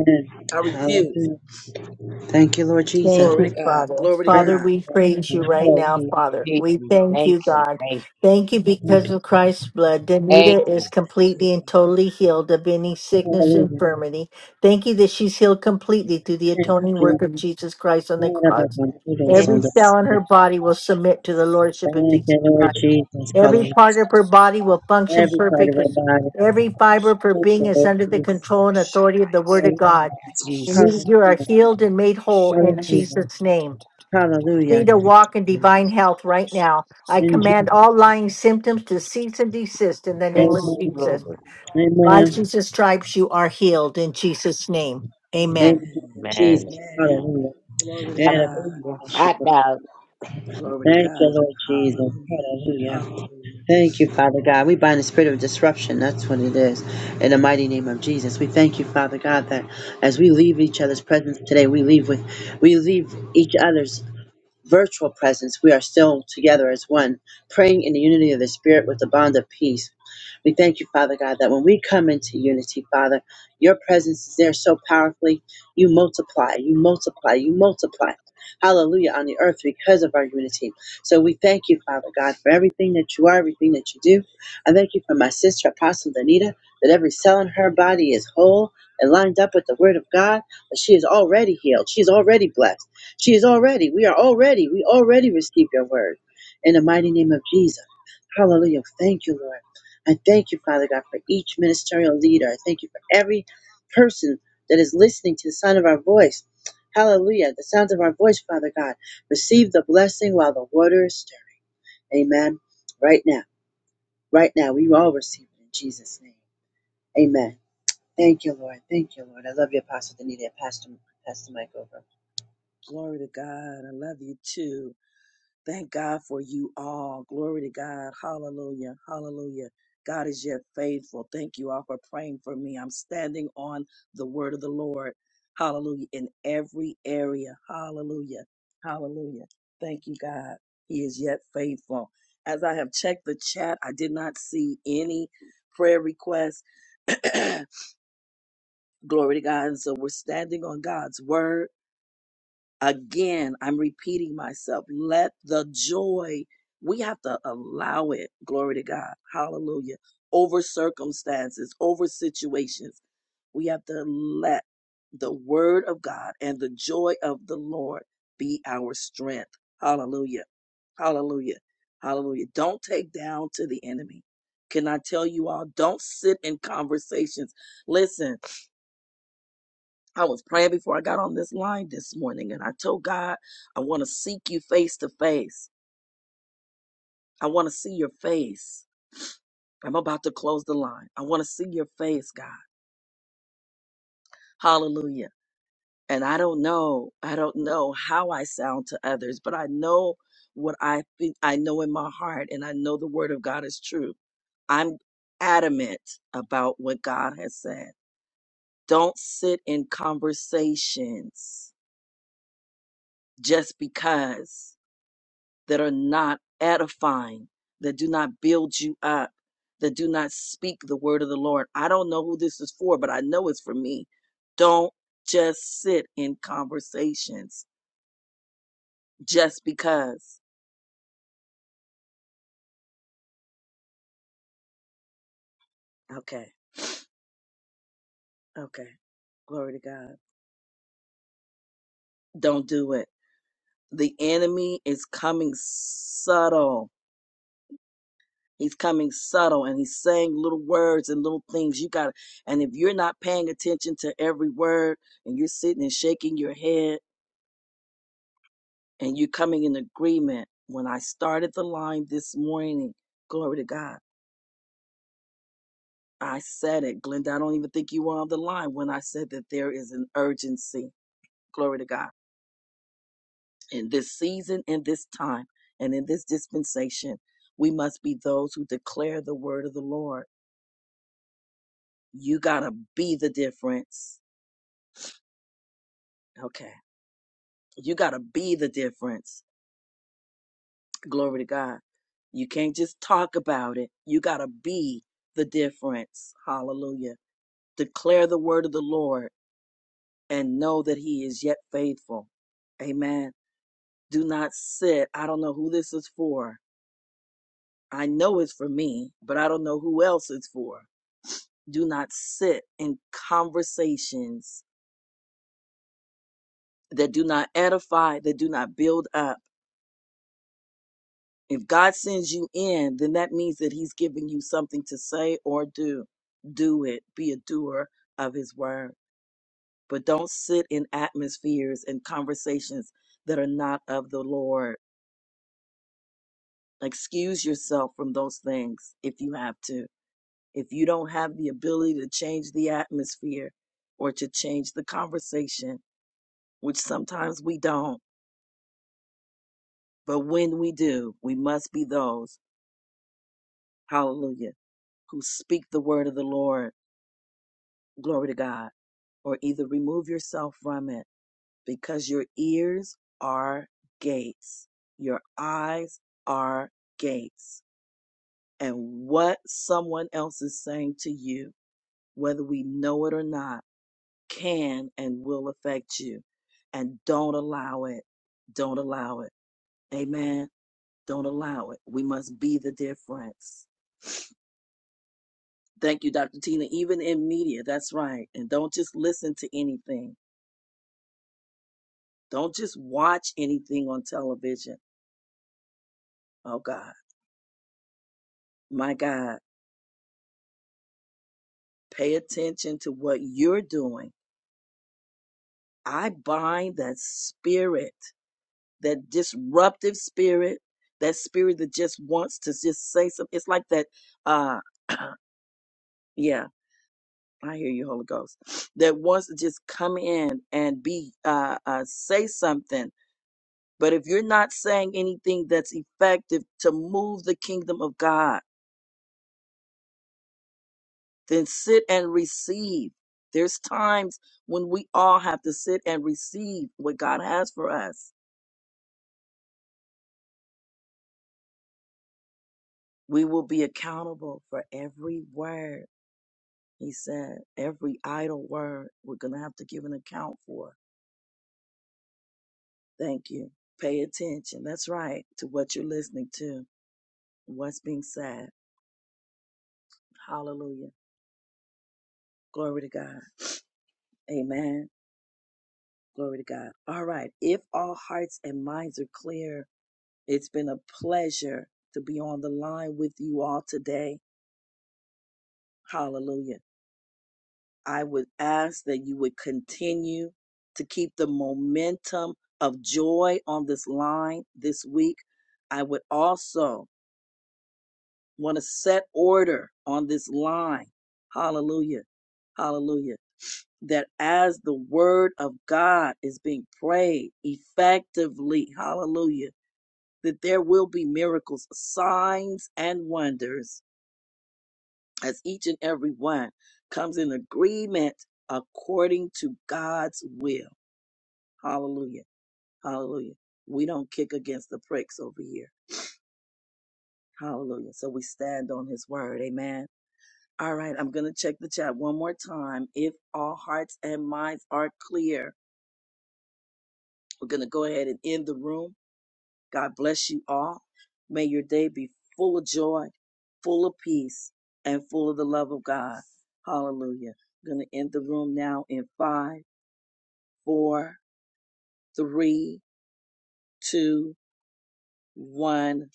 I refuse. Hallelujah. Thank you, Lord Jesus. Thank Glory to you, God. Father. Glory to Praise Father, God. we the praise Lord. you right now, Hallelujah. Father. Thank We you. thank Thank you, you. God. Thank you. Thank you Thank because of Christ's blood. Thank Danita you. is Give completely and God- totally healed of any you, sickness, Hallelujah. infirmity. Thank you that she's healed completely through the give Thank God atoning you, work of Jesus Christ Jesus. on the Thank you, cross. Lord Jesus. Every Yes. cell in her body will submit to the Lordship Thank of Jesus you, Lord Christ. Jesus. Every Thank Hallelujah. part of her body will function Every part of our perfectly. body. Every fiber of her Thank being you, is Lord under the Jesus. control and authority of the Word of God. you, And you Jesus. you are Hallelujah. healed and made whole in Hallelujah. Jesus' name. Hallelujah. Free to walk in divine health right now. I In command Jesus. all lying symptoms to cease and desist in the name of Yes, Glory, Amen. Jesus. glory. By Amen. Jesus' stripes, you are healed in yes. Jesus' name. Amen. Amen. Amen. Jesus. Man, Amen. man. Hallelujah. Glory to Thank God. Hallelujah. Hot Glory to you, God. Lord Jesus. Hallelujah. Hallelujah. Hallelujah. Thank you, Father God. We bind the spirit of disruption. That's what it is. In the mighty name of Jesus, we thank you, Father God, that as we leave each other's presence today, we leave with, we leave each other's virtual presence. We are still together as one, praying in the unity of the Spirit with the bond of peace. We thank you, Father God, that when we come into unity, Father, your presence is there so powerfully. You multiply, you multiply, you multiply. Hallelujah on the earth because of our unity. So we thank you, Father God, for everything that you are, everything that you do. I thank you for my sister, Apostle Danita, that every cell in her body is whole and lined up with the Word of God, that she is already healed. She is already blessed. She is already, we are already, we already receive your Word. In the mighty name of Jesus. Hallelujah. Thank you, Lord. I thank you, Father God, for each ministerial leader. I thank you for every person that is listening to the sound of our voice. Hallelujah. The sounds of our voice, Father God. Receive the blessing while the water is stirred. Amen. Right now. Right now. We all receive it in Jesus' name. Amen. Thank you, Lord. Thank you, Lord. I love you, Apostle Danita. Pastor, Pastor Mike over. Glory to God. I love you too. Thank God for you all. Glory to God. Hallelujah. Hallelujah. God is yet faithful. Thank you all for praying for me. I'm standing on the word of the Lord. Hallelujah. In every area. Hallelujah. Hallelujah. Thank you, God. He is yet faithful. As I have checked the chat, I did not see any prayer requests. Glory to God. And so we're standing on God's word. Again, I'm repeating myself. Let the joy, we have to allow it. Glory to God. Hallelujah. Over circumstances, over situations, we have to let the word of God and the joy of the Lord be our strength. Hallelujah. Hallelujah. Hallelujah. Don't take down to the enemy. Can I tell you all? Don't sit in conversations. Listen, I was praying before I got on this line this morning and I told God, I want to seek you face to face. I want to see your face. I'm about to close the line. I want to see your face, God. Hallelujah. And I don't know, I don't know how I sound to others, but I know what I think I know in my heart and I know the word of God is true. I'm adamant about what God has said. Don't sit in conversations just because. that are not edifying, that do not build you up, that do not speak the word of the Lord. I don't know who this is for, but I know it's for me. Don't just sit in conversations just because. Okay, okay. Glory to God. Don't do it. The enemy is coming subtle. He's coming subtle and he's saying little words and little things. You got to, and if you're not paying attention to every word and you're sitting and shaking your head and you coming in agreement. When I started the line this morning, glory to God, I said it. Glenda, I don't even think you were on the line when I said that there is an urgency, glory to God, in this season, in this time, and in this dispensation. We must be those who declare the word of the Lord. You got to be the difference. Okay. You got to be the difference. Glory to God. You can't just talk about it. You got to be the difference. Hallelujah Declare the word of the Lord and know that he is yet faithful. Amen. Do not sit. I don't know who this is for. I know it's for me, but I don't know who else it's for. Do not sit in conversations that do not edify, that do not build up. If God sends you in, then that means that he's giving you something to say or do. Do it. Be a doer of his word. But don't sit in atmospheres and conversations that are not of the Lord. excuse yourself from those things if you have to. If you don't have the ability to change the atmosphere or to change the conversation, which sometimes we don't, but when we do, we must be those, hallelujah, who speak the word of the Lord, glory to God, or either remove yourself from it because your ears are gates, your eyes are gates, and what someone else is saying to you whether we know it or not, can and will affect you. And don't allow it. Don't allow it. Amen. Don't allow it. We must be the difference. Thank you, Dr. Tina. Even in media, that's right. And don't just listen to anything. Don't just watch anything on television. Oh, God. My God. Pay attention to what you're doing. I bind that spirit that disruptive spirit, that spirit that just wants to just say something. It's like that. Uh, yeah, I hear you, Holy Ghost. That wants to just come in and be uh, uh, say something. But if you're not saying anything that's effective to move the kingdom of God, then sit and receive. There's times when we all have to sit and receive what God has for us. We will be accountable for every word He said, every idle word we're going to have to give an account for. Thank you. Pay attention. That's right. To what you're listening to, what's being said. Hallelujah. Glory to God. Amen. Glory to God. All right. If all hearts and minds are clear, it's been a pleasure to be on the line with you all today. Hallelujah. I would ask that you would continue to keep the momentum of joy on this line this week. I would also want to set order on this line. Hallelujah. Hallelujah. That as the word of God is being prayed effectively, hallelujah, that there will be miracles, signs, and wonders as each and every one comes in agreement according to God's will. Hallelujah. Hallelujah. We don't kick against the pricks over here. Hallelujah. So we stand on his word. Amen. All right. I'm going to check the chat one more time. If all hearts and minds are clear, we're going to go ahead and end the room. God bless you all. May your day be full of joy, full of peace, and full of the love of God. Hallelujah. I'm going to end the room now in five, four, three, two, one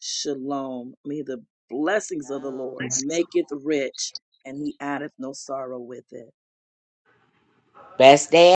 shalom. May the blessings of the dog. Lord make it rich, and he addeth no sorrow with it. Best day